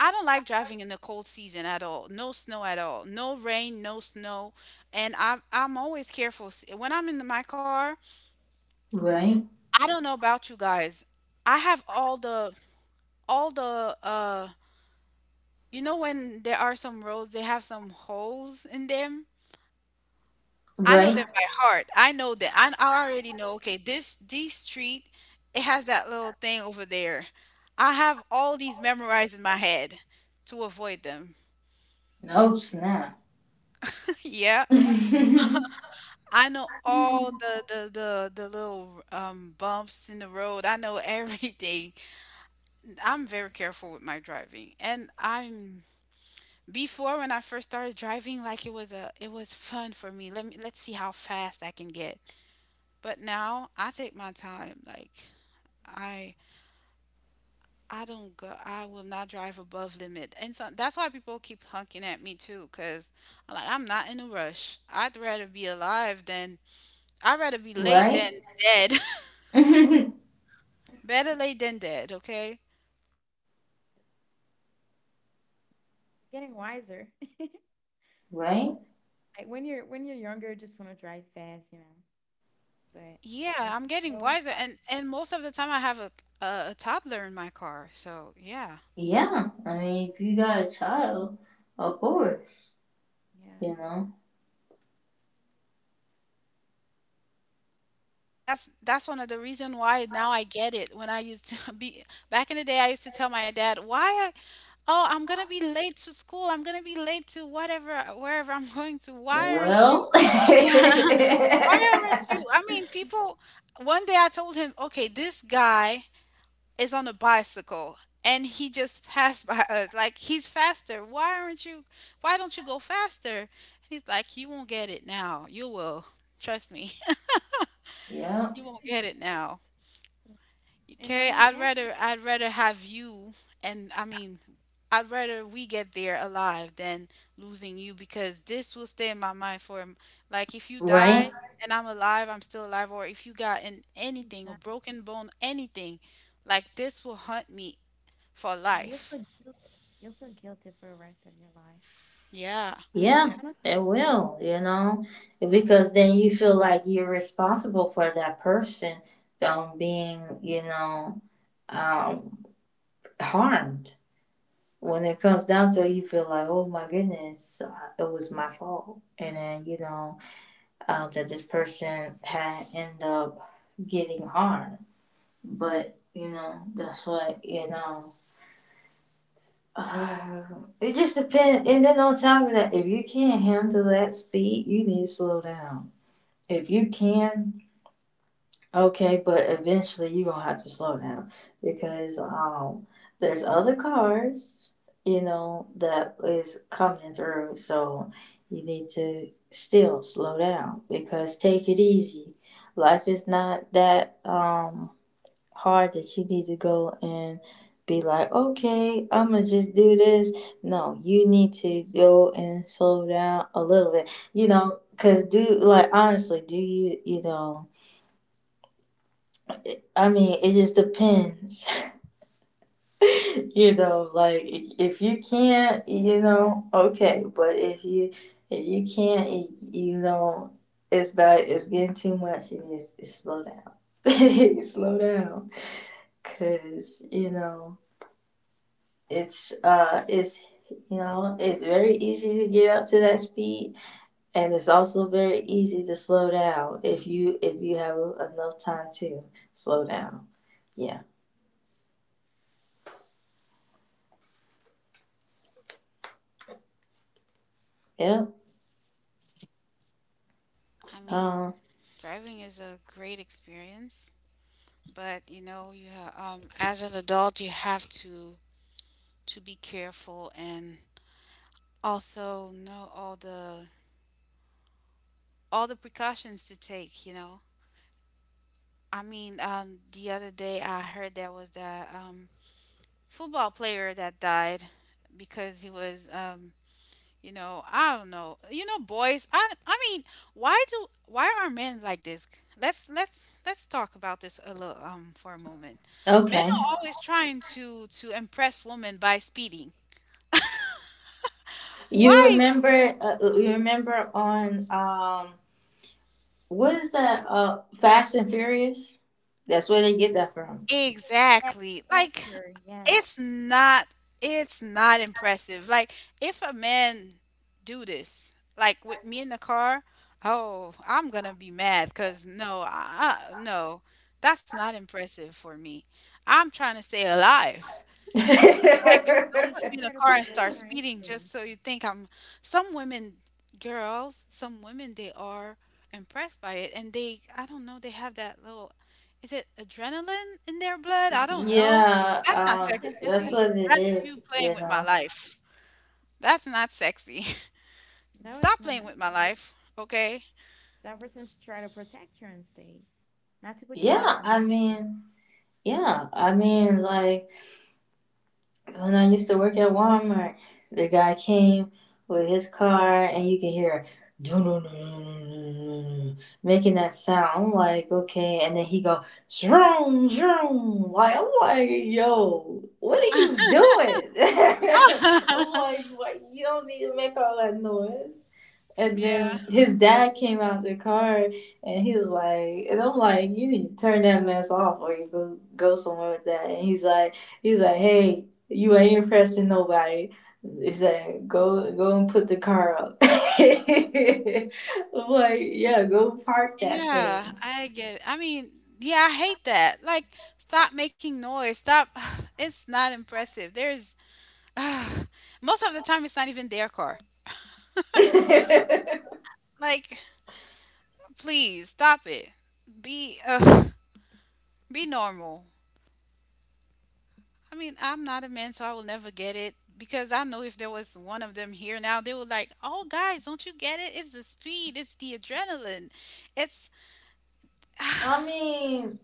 S2: I don't like driving in the cold season at all. No snow at all. No rain, no snow. And I'm always careful. When I'm in my car,
S1: Right?
S2: I don't know about you guys. I have all the all the uh you know when there are some roads they have some holes in them? I know
S1: Right?
S2: them by heart. I know that I already know, okay, this street, it has that little thing over there. I have all these memorized in my head to avoid them.
S1: No snap.
S2: Yeah.
S1: Right?
S2: I know all the little bumps in the road. I know everything. I'm very careful with my driving. And I'm Before, when I first started driving, like it was fun for me. Let's see how fast I can get. But now I take my time. I I don't go I will not drive above limit. And so that's why people keep honking at me too, because like I'm not in a rush. I'd rather be late than dead.
S3: Mm,
S2: Better late than dead, okay?
S3: getting wiser.
S1: Right?
S3: Like when you're younger, you just want to drive fast, you know. But
S2: Yeah,
S3: as
S2: I'm
S3: you
S2: getting
S3: grow,
S2: wiser, and most of the time I have a toddler in my car. So, yeah.
S1: Yeah. I mean, if you got a child, of course.
S3: yeah,
S1: You know?
S2: That's one of the reason why now I get it. When I used to be back in the day, I used to tell my dad, "Why I, oh, I'm gonna be late to school. I'm gonna be late to whatever, wherever I'm going to. Why aren't you?"
S1: Well.
S2: Yeah, why aren't you? I mean, people. One day I told him, okay, this guy is on a bicycle and he just passed by us like he's faster. Why aren't you, why don't you go faster? And he's like, "You won't get it now, you will, trust me."
S1: Yeah.
S2: You won't get it now.
S3: and now
S2: Okay,
S3: you get
S2: I'd rather have you, and I mean I'd rather we get there alive than losing you, because this will stay in my mind for like if you
S1: Right?
S2: die and I'm alive, I'm still alive, or if you got in anything,
S3: so,
S2: a broken bone, anything, like this will hunt me for
S3: yeah, you
S2: life.
S3: feel guilty. You'll feel guilty for the rest of your life.
S2: Yeah.
S3: I don't.
S1: Yeah.
S3: I
S2: Def-
S3: don't.
S1: It
S3: It was,
S1: will, you know?
S3: mhm.
S1: Because then you feel like you're responsible for that person being, you know, um, harmed. When it comes down to it, you feel like, oh my goodness, it was my fault. And then, you know, that this person had end up getting harmed. But, you know, that's what, you know, uh, it just depends. And then on top of that, if you can't handle that speed, you need to slow down. If you can, okay, but eventually you're gonna have to slow down because there's other cars, you know, that is coming through, so you need to still slow down because take it easy. Life is not that hard that you need to go and be like, okay, I'm gonna just do this. No, you need to go and slow down a little bit, you know, because do like honestly, do you, you know, I mean, it just depends, you know. Like, if you can't, you know, okay. But if you can't, you know, it's not. It's getting too much. And it's slow down. Slow down, cause you know it's you know it's very easy to get up to that speed, and it's also very easy to slow down if you have enough time to slow down. Yeah. Yep.
S2: I mean,
S1: Um.
S2: driving is a great experience, but you know, you have, as an adult, you have to be careful and also know all the precautions to take, you know. I mean, the other day I heard there was that football player that died because he was you know, I don't know. You know, boys, I mean, why do, why are men like this? Let's talk about this a little for a moment. Men are
S1: Okay.
S2: always trying to impress women by speeding.
S1: You
S2: Why
S1: remember? You remember on what is that? Fast and Furious. That's where they get that from.
S2: exactly?
S3: Protect
S2: Like
S3: her, yes.
S2: it's not, it's not impressive. Like if a man do this like with me in the car, oh I'm gonna be mad because no, no, that's not impressive for me. I'm trying to stay alive. Like, don't
S3: We
S2: put
S3: should
S2: me in
S3: try
S2: a
S3: to
S2: car and
S3: protect
S2: start
S3: our
S2: speeding
S3: instinct.
S2: just so you think I'm. Some women, girls, some women, they are impressed by it, and they, I don't know, they have that little, is it adrenaline in their blood? I don't know.
S1: Yeah,
S2: That's not sexy to
S1: that's
S2: me.
S1: what it
S2: That's
S1: is.
S2: you playing
S1: You
S2: with my
S1: know.
S2: life. That's not sexy.
S3: No, it's
S2: Stop
S3: not.
S2: playing with my life, okay?
S3: That person should try to protect your estate, not to put your life
S1: Yeah,
S3: in
S1: I
S3: danger.
S1: mean, yeah, I mean, like when I used to work at Walmart, the guy came with his car, and you can hear dun, dun, dun, dun, dun, dun, making that sound. I'm like, okay, and then he go shroom shroom. Like I'm like, yo, what are you doing? I'm like, what? You don't need to make all that noise. And
S2: Yeah.
S1: then his dad came out the car and he was like, and I'm like, you need to turn that mess off or you go go somewhere with that. And he's like, hey, you ain't impressing nobody. He said, go go and put the car up. I'm like, yeah, go park that thing.
S2: Yeah, I get it. I mean, yeah, I hate that. Like, stop making noise. Stop. It's not impressive. There's Ugh, most of the time, it's not even their car. Like, please stop it. Be uh, be normal. I mean, I'm not a man, so I will never get it, because I know if there was one of them here now, they were like, "Oh, guys, don't you get it? It's the speed. It's the adrenaline. It's
S1: I mean,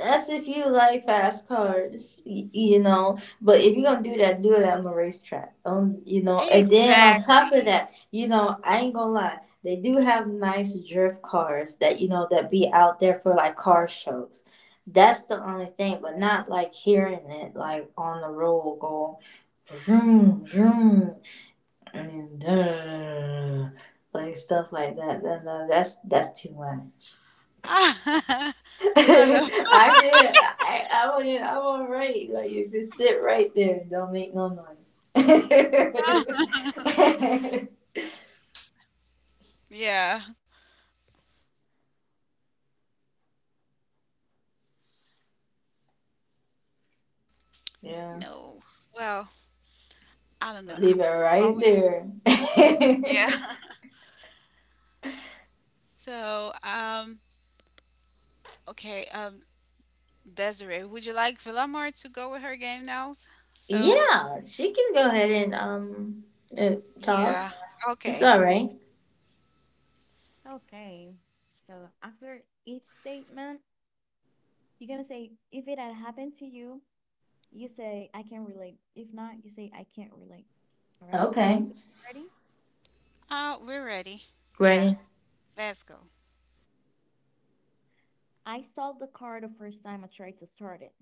S1: that's if you like fast cars, y- you know. But if you're gonna do that, do it on the racetrack. Don't you know? And then on top of
S2: exactly."
S1: that, you know, I ain't gonna lie. They do have nice drift cars that you know that be out there for like car shows. That's the only thing, but not like hearing it like on the road go, vroom vroom, and da, da, da, da, da, da, like stuff like that. That's that's too much.
S2: I love.
S1: I can. I want it. I want right. Like if you sit right there and don't make no noise.
S2: Yeah.
S1: Yeah,
S2: No. Well, I don't know.
S1: leave it
S2: Are
S1: right
S2: we?
S1: there.
S2: Yeah. So, okay. Desiree, would you like Villamar to go with her game now? So,
S1: Yeah, she can go ahead and uh, talk.
S2: yeah.
S1: It's
S2: Okay.
S1: all right.
S3: Okay. So after each statement, you're gonna say, if it had happened to you, you say, I can relate. If not, you say, I can't relate. All right?
S1: Okay,
S3: You guys ready?
S2: Oh, we're ready. Yeah,
S1: ready?
S2: let's go.
S3: I stalled the car the first time I tried to start it.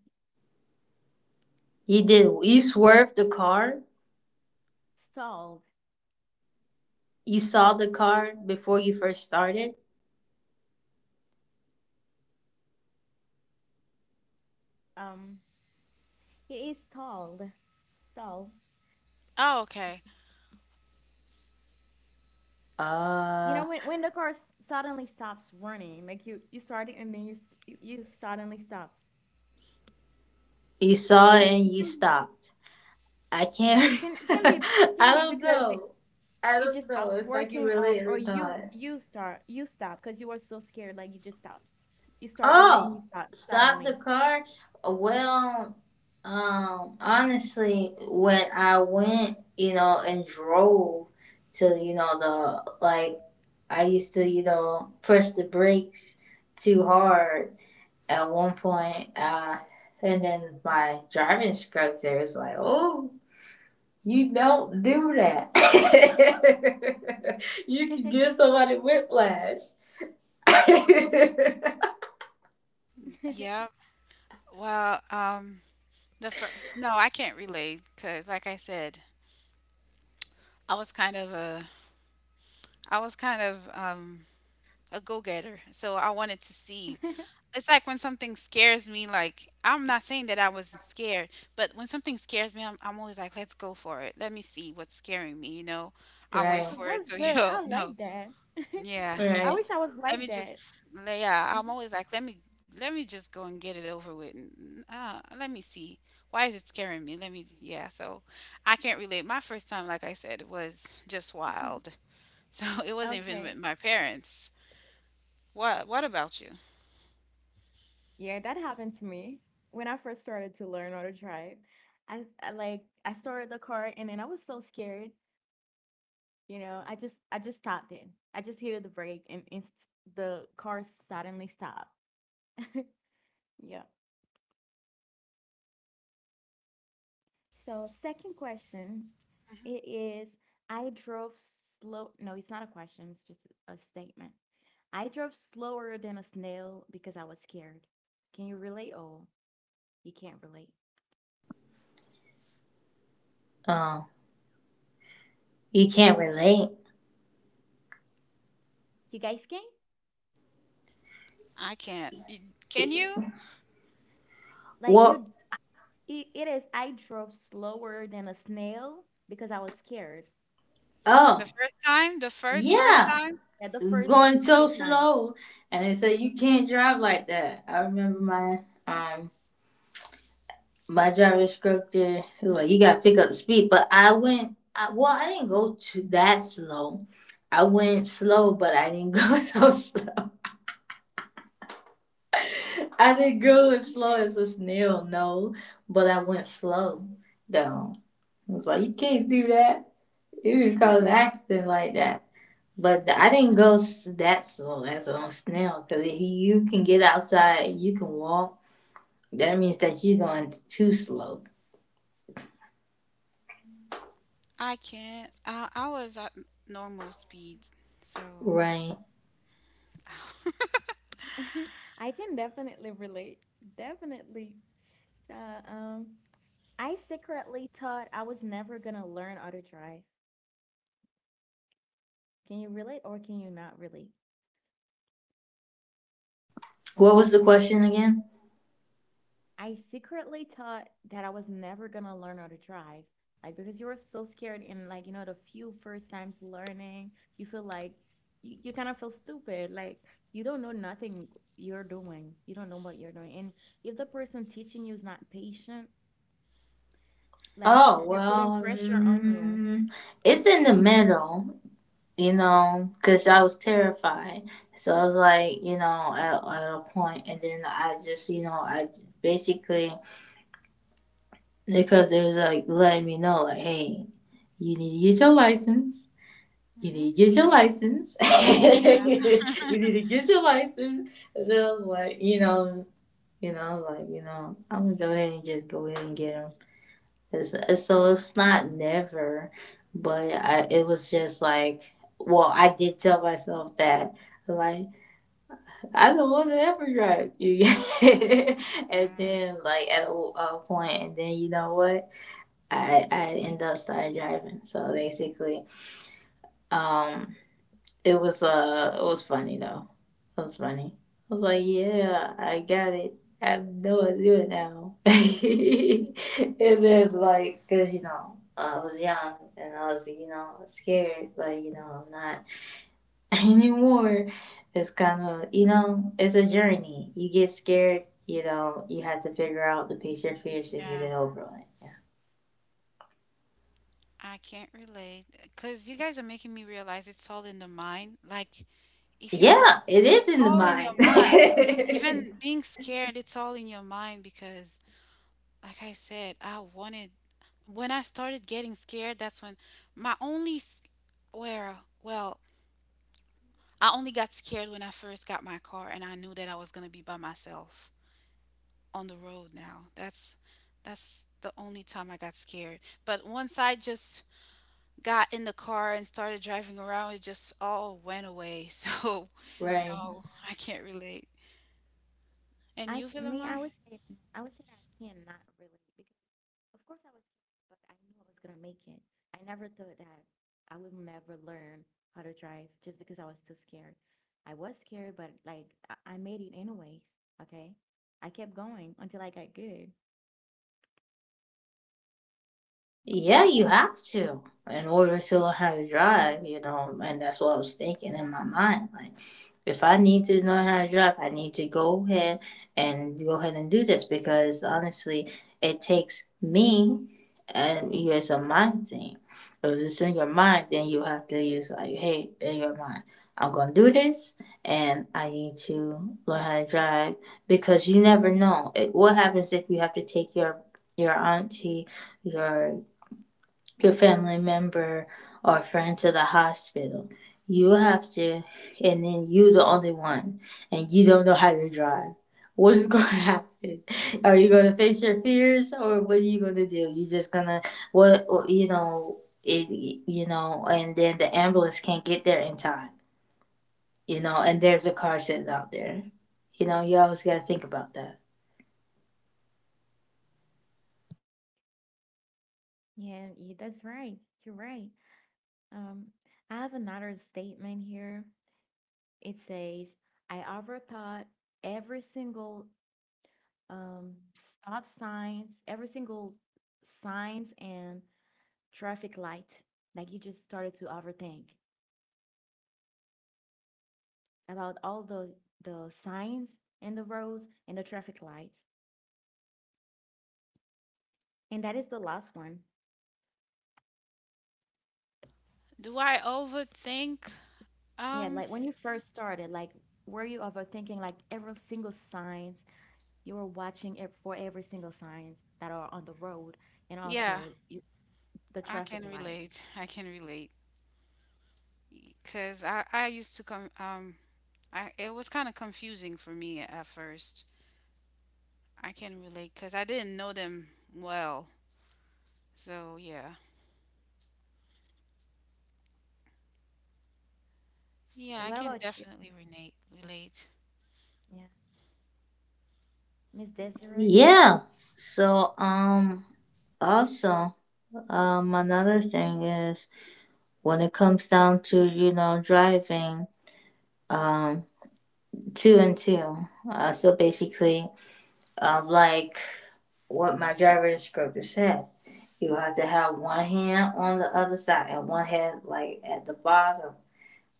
S1: You did. You swerved the car.
S3: Stalled.
S1: You saw the car before you first started.
S3: Um, it is stalled. Stalled.
S2: Oh, okay.
S3: You
S1: Uh,
S3: know when, the car suddenly stops running, like you start it and then you you suddenly stops.
S1: you saw it
S3: It
S1: and you
S3: can be
S1: stopped. I
S3: yeah
S1: can't. I
S3: it can be
S1: don't
S3: because
S1: know. I
S3: it
S1: don't
S3: just
S1: know
S3: stopped
S1: if I can
S3: working
S1: relate or
S3: or
S1: not.
S3: you start you stop because you were so scared like you just stopped you started it and you
S1: Oh,
S3: stopped
S1: stop
S3: suddenly.
S1: the car. Well, honestly, when I went, you know, and drove to, you know, the like, I used to, you know, push the brakes too hard at one point. And then my driving instructor was like, "Oh, you don't do that. You can give somebody whiplash."
S2: Yep. Well, no, I can't relate because, like I said, I was kind of a, I was kind of a go-getter, so I wanted to see. It's like when something scares me, like I'm not saying that I wasn't scared, but when something scares me, I'm always like, let's go for it. Let me see what's scaring me, you know? I went
S1: right,
S3: So
S2: for it.
S3: that's
S2: So,
S3: good.
S2: yo,
S3: I
S2: no.
S3: like that.
S2: Yeah.
S3: I
S1: right.
S3: wish I was
S2: Let
S3: like
S2: me just,
S3: that.
S2: yeah, I'm
S3: Mhm.
S2: always like, let me just go and get it over with. Let me see. Why is it scaring me? Let me, yeah. So I can't relate. My first time, like I said, was just wild. So it wasn't even with
S3: Okay,
S2: my parents. What about you?
S3: yeah, that happened to me when I first started to learn how to drive. I like I started the car and then I was so scared. You know, I just stopped it. I just hit the brake and the car suddenly stopped. yeah. So second question, it is I drove slow. No, it's not a question. It's just a statement. I drove slower than a snail because I was scared. Can you relate? Oh, you can't relate.
S1: Um, you can't relate.
S3: You guys can?
S2: I can't. Can you?
S3: Like
S1: Well,
S3: you, it is. I drove slower than a snail because I was scared.
S2: The
S1: oh,
S2: first time, the first first
S1: yeah.
S2: time,
S3: At the first
S1: Going
S3: few
S1: so
S3: times.
S1: slow, and they said you can't drive like that. I remember my um my driver instructor he was like, "You gotta pick up the speed." But I went. I, well, I didn't go to that slow. I went slow, but I didn't go so slow. I didn't go as slow
S3: Okay.
S1: as a snail, no, but I went slow though. I was like, you can't do that. You would not cause an accident like that. But I didn't go that slow as a snail because if you can get outside, you can walk. That means that you're going too slow,
S2: I can't. I was at normal speed, so
S1: right?
S3: I can definitely relate. Definitely. So, um, I secretly thought I was never gonna learn how to drive. Can you relate or can you not relate?
S1: What was the question again?
S3: I secretly thought that I was never gonna learn how to drive. Like because you were so scared and like, you know, the few first times learning, you feel like you kind of feel stupid. Like you don't know nothing you're doing. You don't know what you're doing. And if the person teaching you is not patient, like
S1: Oh
S3: they're putting
S1: well,
S3: pressure on you.
S1: it's in the middle. Because I was terrified. So I was like, at a point, and then I just, basically, because they was like letting me know, like, hey, you need to get your license. You
S2: hmm
S1: need to get your license. You need to get your license. And I was like, you know, like, I'm gonna go ahead and just go ahead and get them. So it's not never, but I it was just like well I did tell myself that like I don't want to ever drive you, and
S2: uh,
S1: then like at a point, and then you know what I end up started driving. So basically, um, it was funny though. It was funny. I was like, yeah, I got it. I know how to do it now. And then like, cause you know, I was young and I was you know scared, but you know I'm not anymore. It's kind of you know it's a journey. You get scared, you know, you have to figure out to face your fears and get
S2: yeah,
S1: it over with. Yeah,
S2: I can't relate. Cause you guys are making me realize it's all in the mind. Like if you wanna,
S1: yeah, it is
S2: it's
S1: in the
S2: all in your
S1: mind.
S2: mind. Even being scared, it's all in your mind because, like I said, I wanted. When I started getting scared, that's when my only s- where well I only got scared when I first got my car and I knew that I was going to be by myself on the road now. That's the only time I got scared. But once I just got in the car and started driving around, it just all went away. So
S1: Right.
S2: no, I can't relate. And
S3: I
S2: you,
S3: me, I
S2: Villamar?
S3: would say I would say that I cannot relate because of course I was scared, but I knew I was gonna make it. I never thought that I would never learn how to drive just because I was too scared. I was scared, but I made it anyways. Okay, I kept going until I got good.
S1: Yeah, you have to in order to learn how to drive, you know, and that's what I was thinking in my mind. Like, if I need to know how to drive, I need to go ahead and do this because honestly, it takes me and it's a mind thing. If it's in your mind, then you have to use like, hey, in your mind, I'm gonna do this, and I need to learn how to drive because you never know it, what happens if you have to take your auntie your your family member or friend to the hospital. You have to, and then you the only one, and you don't know how to drive. What's going to happen? Are you going to face your fears, or what are you going to do? You just gonna you know it you know, and then the ambulance can't get there in time, you know, and there's a car sitting out there. You know, you always got to think about that.
S3: Yeah, you, that's right. You're right. Um, I have another statement here. It says, "I overthought every single stop signs, every single signs and traffic light. Like you just started to overthink about all the signs and the roads and the traffic lights." And that is the last one.
S2: Do I overthink?
S3: Yeah,
S2: Um,
S3: like when you first started, like were you overthinking like every single signs? You were watching it for every single signs that are on the road and
S2: yeah,
S3: also you, the
S2: I
S3: traffic
S2: can
S3: light.
S2: relate. I can relate. Because I used to come, it was kind of confusing for me at first. I can relate because I didn't know them well. So yeah. Yeah, I
S3: What
S2: can
S3: about you?
S2: definitely relate.
S3: Yeah, Miss Desiree.
S1: Yeah. So also another thing is when it comes down to you know driving um two and two so basically like what my driver instructor said you have to have one hand on the other side and one hand like at the bottom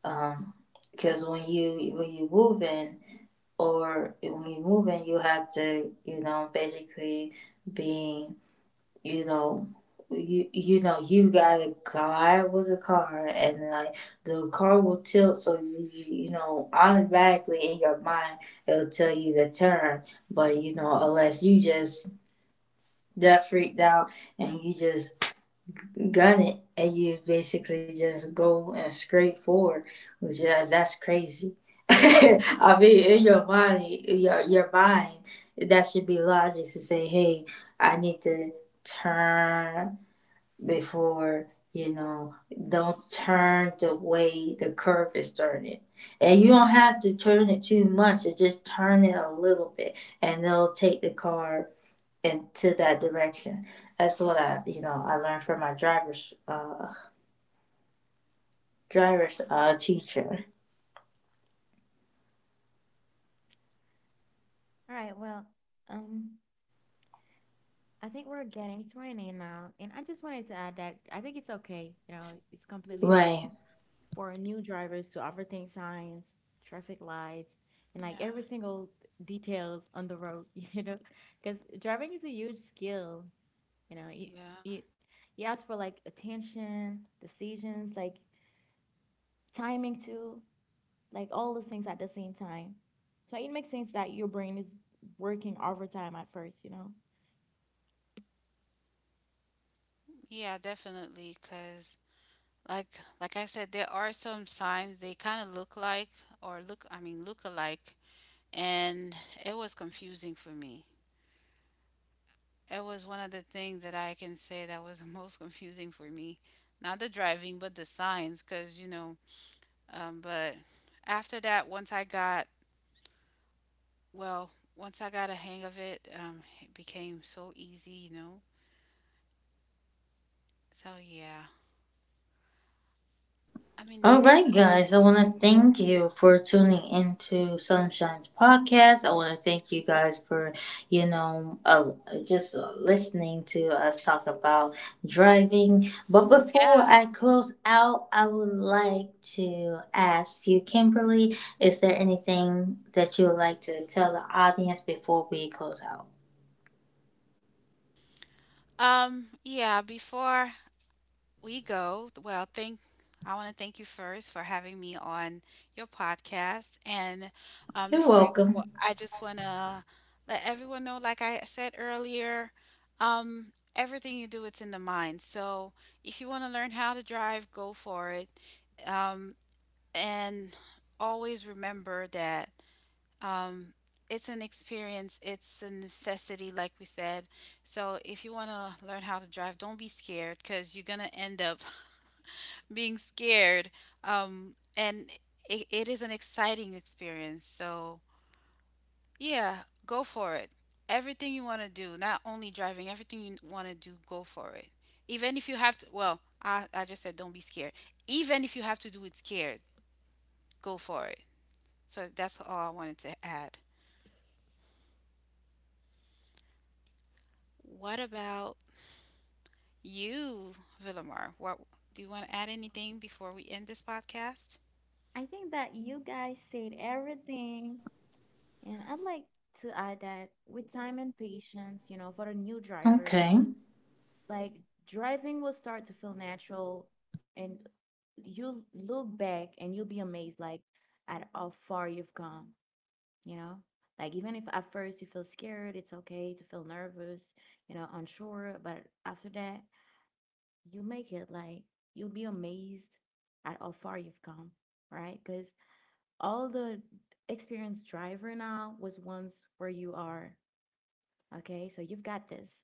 S1: um because when you moving or when you moving you have to you know basically be you know you know you gotta glide with the car and like the car will tilt so you know automatically in your mind it'll tell you to turn but you know unless you just that freaked out and you just gun it and you basically just go and scrape forward which yeah that's crazy. I mean in your mind your mind that should be logic to say hey I need to turn before you know don't turn the way the curve is turning and you don't have to turn it too much you just turn it a little bit and they'll take the car into that direction. That's what I you know I learned from my driver's teacher.
S3: All right. Well, um, I think we're getting to an end now, and I just wanted to add that I think it's okay. You know, it's completely
S1: Right.
S3: normal for new drivers to overthink signs, traffic lights, and like
S2: Yeah.
S3: every single details on the road. You know, because driving is a huge skill. You know, it
S2: Yeah.
S3: it you ask for like attention, decisions, like timing too, like all those things at the same time. So it makes sense that your brain is working overtime at first. You know.
S2: Yeah, definitely because like like I said, there are some signs they kind of look like, or look I mean, look alike, and it was confusing for me. It was one of the things that I can say that was the most confusing for me. Not the driving, but the signs, because, you know, but after that, once I got well, once I got a hang of it, it became so easy, you know. So yeah, I mean,
S1: All right, guys, I want to thank you for tuning into Sunshine's podcast. I want to thank you guys for, you know, uh, just listening to us talk about driving. But before
S2: yeah,
S1: I close out, I would like to ask you, Kimberly, is there anything that you would like to tell the audience before we close out?
S2: yeah. Before we go, well, thank I want to thank you first for having me on your podcast, and
S1: You're
S2: before we go,
S1: welcome.
S2: I just want to let everyone know, like I said earlier, um, everything you do, it's in the mind. So if you want to learn how to drive, go for it. Um, and always remember that um, it's an experience, it's a necessity, like we said. So, if you want to learn how to drive, don't be scared because you're going to end up being scared. And it is an exciting experience. So, yeah, go for it. Everything you want to do, not only driving, everything you want to do, go for it. Even if you have to, well, I just said, don't be scared. Even if you have to do it scared, go for it. So that's all I wanted to add. What about you, Villamar? What, do you want to add anything before we end this podcast?
S3: I think that you guys said everything, and I'd like to add that with time and patience, you know, for the new drivers,
S1: Okay.
S3: like driving will start to feel natural, and you look back and you'll be amazed, like at how far you've come, you know. Like even if at first you feel scared, it's okay to feel nervous, you know, unsure, but after that, you make it. Like you'll be amazed at how far you've come, right? Because all the experienced driver now was once where you are. Okay, so you've got this.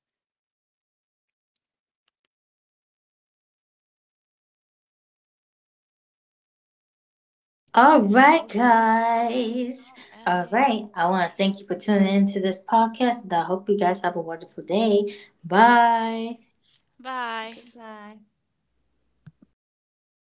S1: All
S3: That's
S1: right,
S3: all, guys.
S1: guys.
S2: All
S1: All
S2: right.
S1: right. I want to thank you for tuning into this podcast. And I hope you guys have a wonderful day. Bye.
S2: Bye.
S3: Goodbye.